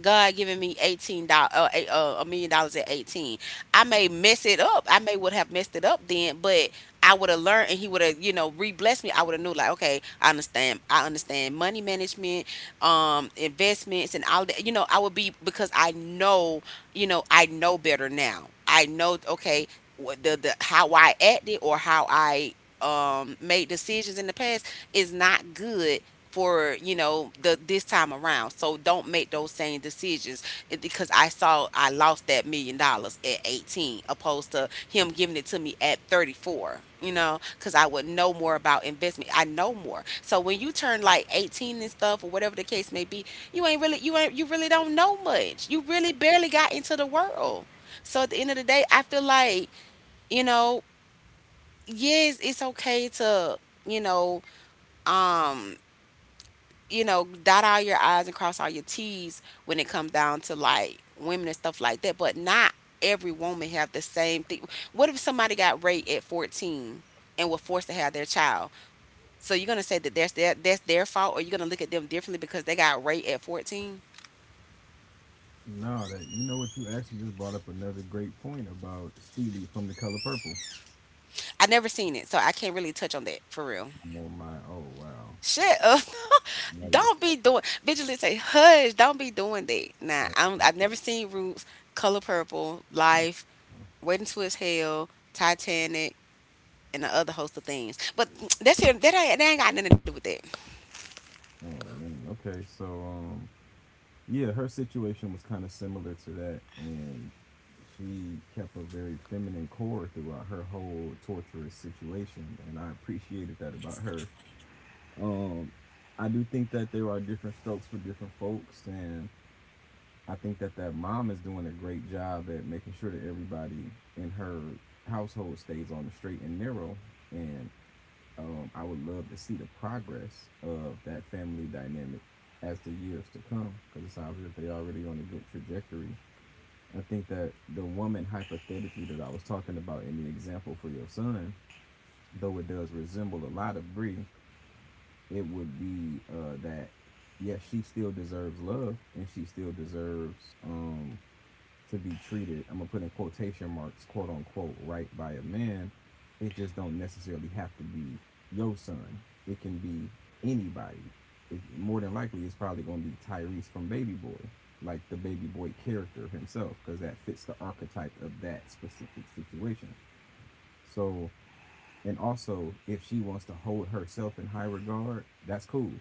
Speaker 1: God giving me $18, $1 million at 18. I may mess it up. I may would have messed it up then, but I would have learned, and He would have, you know, re-blessed me. I would have knew, like, okay, I understand. I understand money management, investments, and all that. You know, I would be, because I know, you know, I know better now. I know, okay, what the how I acted or how I made decisions in the past is not good for, you know, the this time around. So don't make those same decisions. Because I saw I lost that $1 million at 18 opposed to him giving it to me at 34. You know, because I would know more about investment. I know more. So when you turn like 18 and stuff or whatever the case may be, you ain't, you really don't know much. You really barely got into the world. So at the end of the day, I feel like, you know, yes, it's okay to, you know, um, you know, dot all your I's and cross all your T's when it comes down to like women and stuff like that. But not every woman have the same thing. What if somebody got raped at 14 and were forced to have their child? So you're gonna say that that's their fault, or you're gonna look at them differently because they got raped at 14?
Speaker 2: No, that, you know what, you actually just brought up another great point about Steely from The Color Purple.
Speaker 1: I never seen it, so I can't really touch on that for real.
Speaker 2: Oh my, oh wow,
Speaker 1: Shut up. [LAUGHS]
Speaker 2: that is
Speaker 1: Don't be doing, vigilante, say hush, don't be doing that. Nah,
Speaker 2: that,
Speaker 1: I've never seen Roots, Color Purple,
Speaker 2: oh,
Speaker 1: Life, Waiting to His Hell, Titanic, and the other host of things. But that's here. That ain't got nothing to do with that.
Speaker 2: oh man. Okay, so yeah, her situation was kind of similar to that, and she kept a very feminine core throughout her whole torturous situation and I appreciated that about her. Um, I do think that there are different strokes for different folks, and I think that that mom is doing a great job at making sure that everybody in her household stays on the straight and narrow. And I would love to see the progress of that family dynamic as the years to come, because it sounds like they're already on a good trajectory. I think that the woman hypothetically that I was talking about in the example for your son, though it does resemble a lot of Bree, it would be that, yes, yeah, she still deserves love and she still deserves to be treated, I'm gonna put in quotation marks, quote unquote, right by a man. It just don't necessarily have to be your son. It can be anybody. It, more than likely, it's probably gonna be Tyrese from Baby Boy, like the Baby Boy character himself, because that fits the archetype of that specific situation. So, and also, if she wants to hold herself in high regard, that's cool.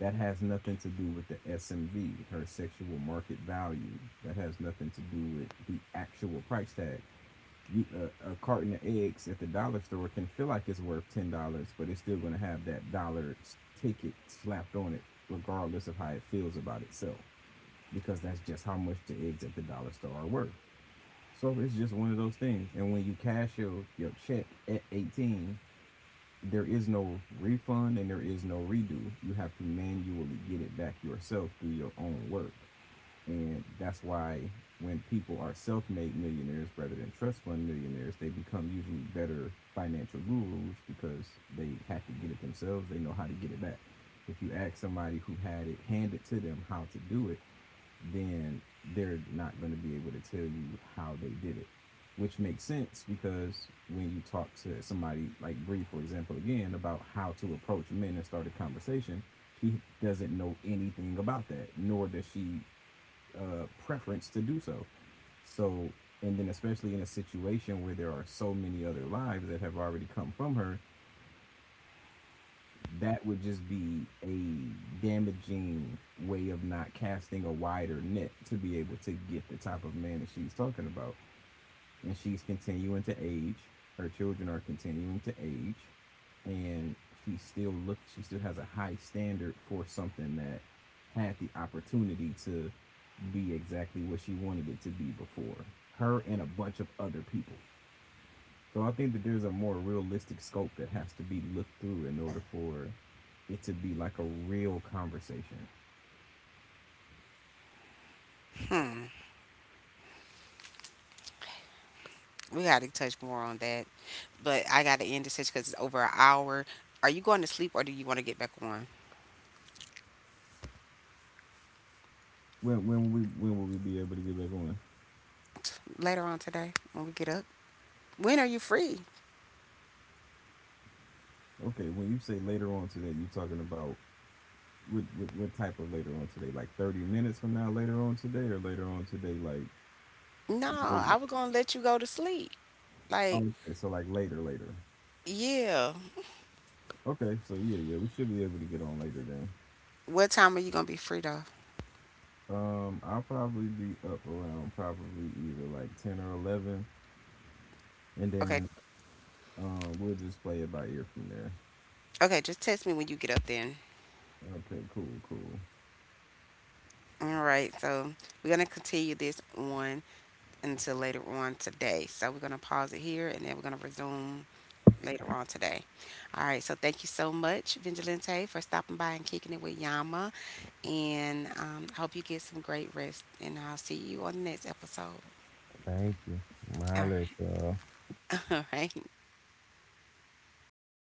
Speaker 2: That has nothing to do with the SMV, her sexual market value. That has nothing to do with the actual price tag. You a carton of eggs at the dollar store can feel like it's worth $10, but it's still going to have that dollar ticket slapped on it, regardless of how it feels about itself, because that's just how much the eggs at the dollar store are worth. So it's just one of those things. And when you cash your check at 18, there is no refund and there is no redo. You have to manually get it back yourself through your own work. And that's why when people are self made millionaires rather than trust fund millionaires, they become usually better financial gurus because they had to get it themselves. They know how to get it back. If you ask somebody who had it handed to them how to do it, then they're not going to be able to tell you how they did it, which makes sense, because when you talk to somebody like Bree, for example, again about how to approach men and start a conversation, she doesn't know anything about that, nor does she preference to do so. So, and then especially in a situation where there are so many other lives that have already come from her, that would just be a damaging way of not casting a wider net to be able to get the type of man that she's talking about. And she's continuing to age. Her children are continuing to age. And she still look, she still has a high standard for something that had the opportunity to be exactly what she wanted it to be before. Her and a bunch of other people. So I think that there's a more realistic scope that has to be looked through in order for it to be like a real conversation.
Speaker 1: We got to touch more on that. But I got to end this because it's over an hour. Are you going to sleep or do you want to get back on
Speaker 2: When will we be able to get back on?
Speaker 1: later on today when we get up? When are you free?
Speaker 2: Okay, when you say later on today, you talking about what type of later on today? Like 30 minutes from now, later on today, or later on today, like
Speaker 1: No, I
Speaker 2: later.
Speaker 1: was going to let you go to sleep. Like,
Speaker 2: Oh, okay, so like later, later.
Speaker 1: yeah.
Speaker 2: Okay, so yeah, yeah, we should be able to get on later then.
Speaker 1: What time are you going to be free though?
Speaker 2: I'll probably be up around probably either like 10 or 11, and
Speaker 1: Okay.
Speaker 2: then we'll just play it by ear from there.
Speaker 1: Okay, just text me when you get up then.
Speaker 2: Okay, cool, cool.
Speaker 1: All right. So, we're going to continue this on until later on today. So we're going to pause it here and then we're going to resume later on today. All right. So thank you so much, Vigilante, for stopping by and kicking it with Yama. And I hope you get some great rest. And I'll see you on the next episode.
Speaker 2: Thank you. I'm gonna
Speaker 1: All
Speaker 2: holler
Speaker 1: right.
Speaker 2: at y'all.
Speaker 1: [LAUGHS] All right.